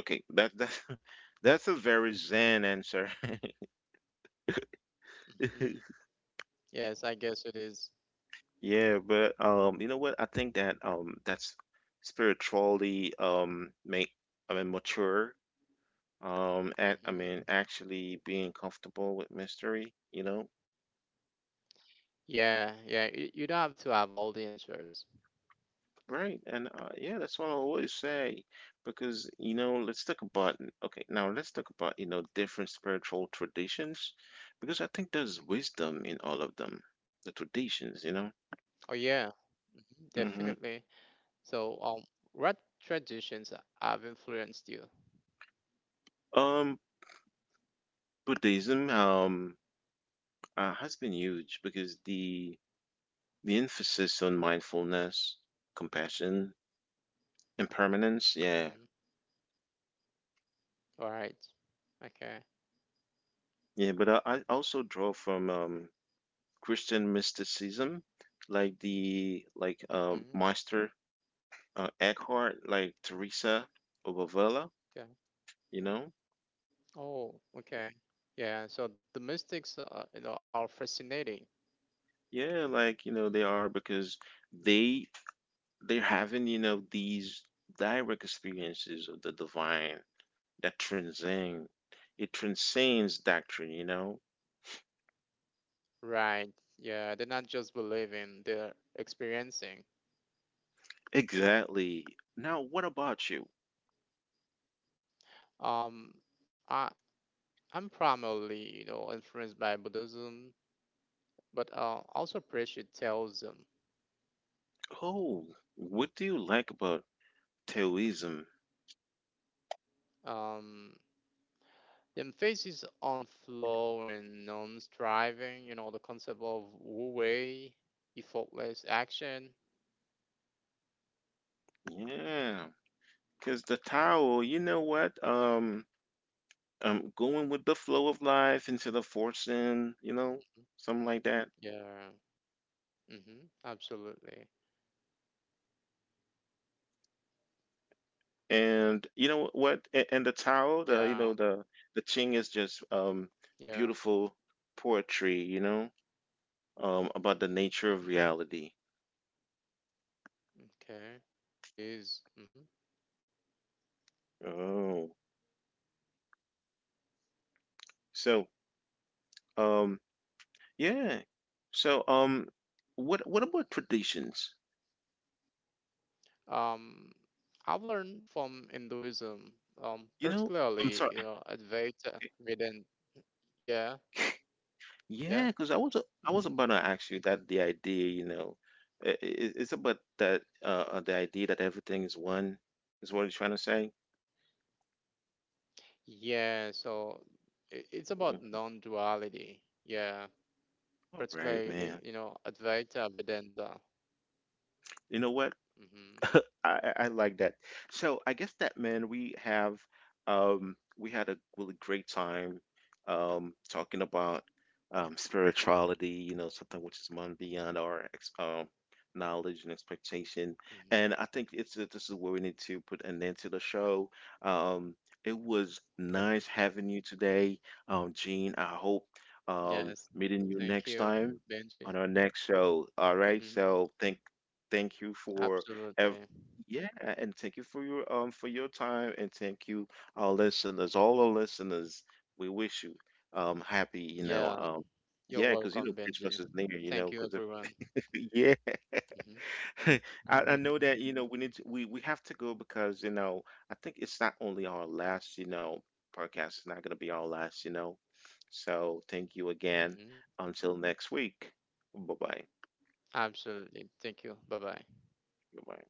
Speaker 1: okay, that that's a very zen answer.
Speaker 2: Yes, I guess it is.
Speaker 1: Yeah, but you know what? I think that, that's spiritually, make, I mean, mature. At I mean,
Speaker 2: Mm-hmm.
Speaker 1: actually being comfortable with mystery. You know,
Speaker 2: Yeah, yeah. You don't have to have all the answers.
Speaker 1: right? And yeah, that's what I always say because, you know, let's talk about okay. Now let's talk about, you know, different spiritual traditions because I think there's wisdom in all of them, the traditions. You know.
Speaker 2: Oh yeah, mhm,
Speaker 1: Hmm.
Speaker 2: definitely. So, what traditions have influenced you?
Speaker 1: Um, Buddhism has been huge because the emphasis on mindfulness, compassion, impermanence. Yeah.
Speaker 2: Mhm. All right. Okay.
Speaker 1: Yeah. But I also draw from, Christian mysticism, like
Speaker 2: Mm-hmm.
Speaker 1: Meister Eckhart, like Teresa of Avila,
Speaker 2: Okay.
Speaker 1: you know?
Speaker 2: Oh, okay. Yeah. So the mystics, you know, are fascinating,
Speaker 1: Yeah. Like, you know, they are because they, they're having, you know, these direct experiences of the divine that transcend, it transcends doctrine, you know?
Speaker 2: right? Yeah, they're not just believing; they're experiencing.
Speaker 1: Exactly. Now, what about you?
Speaker 2: Um, I I'm primarily, you know, influenced by Buddhism, but also appreciate Taoism.
Speaker 1: Oh, what do you like about Taoism?
Speaker 2: Um, the emphasis on flow and non-striving, you know, the concept of wu-wei, effortless action.
Speaker 1: Yeah, because the Tao, you know what? Going with the flow of life instead of forcing, you know, something like that.
Speaker 2: Yeah. Mm-hmm. Absolutely.
Speaker 1: And you know what? And the Tao, the you know
Speaker 2: Yeah.
Speaker 1: the Ching is just
Speaker 2: Yeah.
Speaker 1: beautiful poetry, you know, about the nature of
Speaker 2: Mm-hmm.
Speaker 1: reality.
Speaker 2: Okay. It is. Mm-hmm.
Speaker 1: Oh, so um yeah, so what about traditions?
Speaker 2: Um, I've learned from Hinduism,
Speaker 1: You know, I'm sorry.
Speaker 2: particularly, you know, Advaita Vedanta. Yeah.
Speaker 1: Yeah,
Speaker 2: Yeah.
Speaker 1: because I was about to ask you that the idea, you know, it's about that, the idea that everything is one is what you're trying to say.
Speaker 2: Yeah. So it's
Speaker 1: Mm.
Speaker 2: about non-duality. Yeah.
Speaker 1: All right, man.
Speaker 2: Particularly, you know, Advaita Vedanta.
Speaker 1: You know what?
Speaker 2: Mm-hmm.
Speaker 1: I like that. So I guess that, man, we had a really great time talking about spirituality, you know, something which is beyond our ex knowledge and expectation.
Speaker 2: Mm-hmm.
Speaker 1: And I think it's this is where we need to put an end to the show. Um it was nice
Speaker 2: Okay.
Speaker 1: having you today, Gene. I hope
Speaker 2: Yes.
Speaker 1: meeting you
Speaker 2: Thank
Speaker 1: next
Speaker 2: you,
Speaker 1: time
Speaker 2: Benji.
Speaker 1: on our next show. All right.
Speaker 2: Mm-hmm.
Speaker 1: So thank you for,
Speaker 2: Absolutely.
Speaker 1: Ev- yeah, and thank you for your time, and thank you, our listeners, all our listeners. We wish you happy, you know,
Speaker 2: Yeah. You're
Speaker 1: yeah, because, you
Speaker 2: welcome,
Speaker 1: know,
Speaker 2: Benji.
Speaker 1: Christmas is near, you
Speaker 2: Thank
Speaker 1: know,
Speaker 2: you,
Speaker 1: because if,
Speaker 2: everyone.
Speaker 1: yeah, I,
Speaker 2: Hmm
Speaker 1: I know
Speaker 2: hmm
Speaker 1: that, you know, we have to go because, you know, I think it's not only our last, you know, podcast. It's not gonna be our last, you know. So thank you again.
Speaker 2: hmm
Speaker 1: Until next week. Bye bye.
Speaker 2: Absolutely. Thank you. Bye bye.
Speaker 1: Goodbye.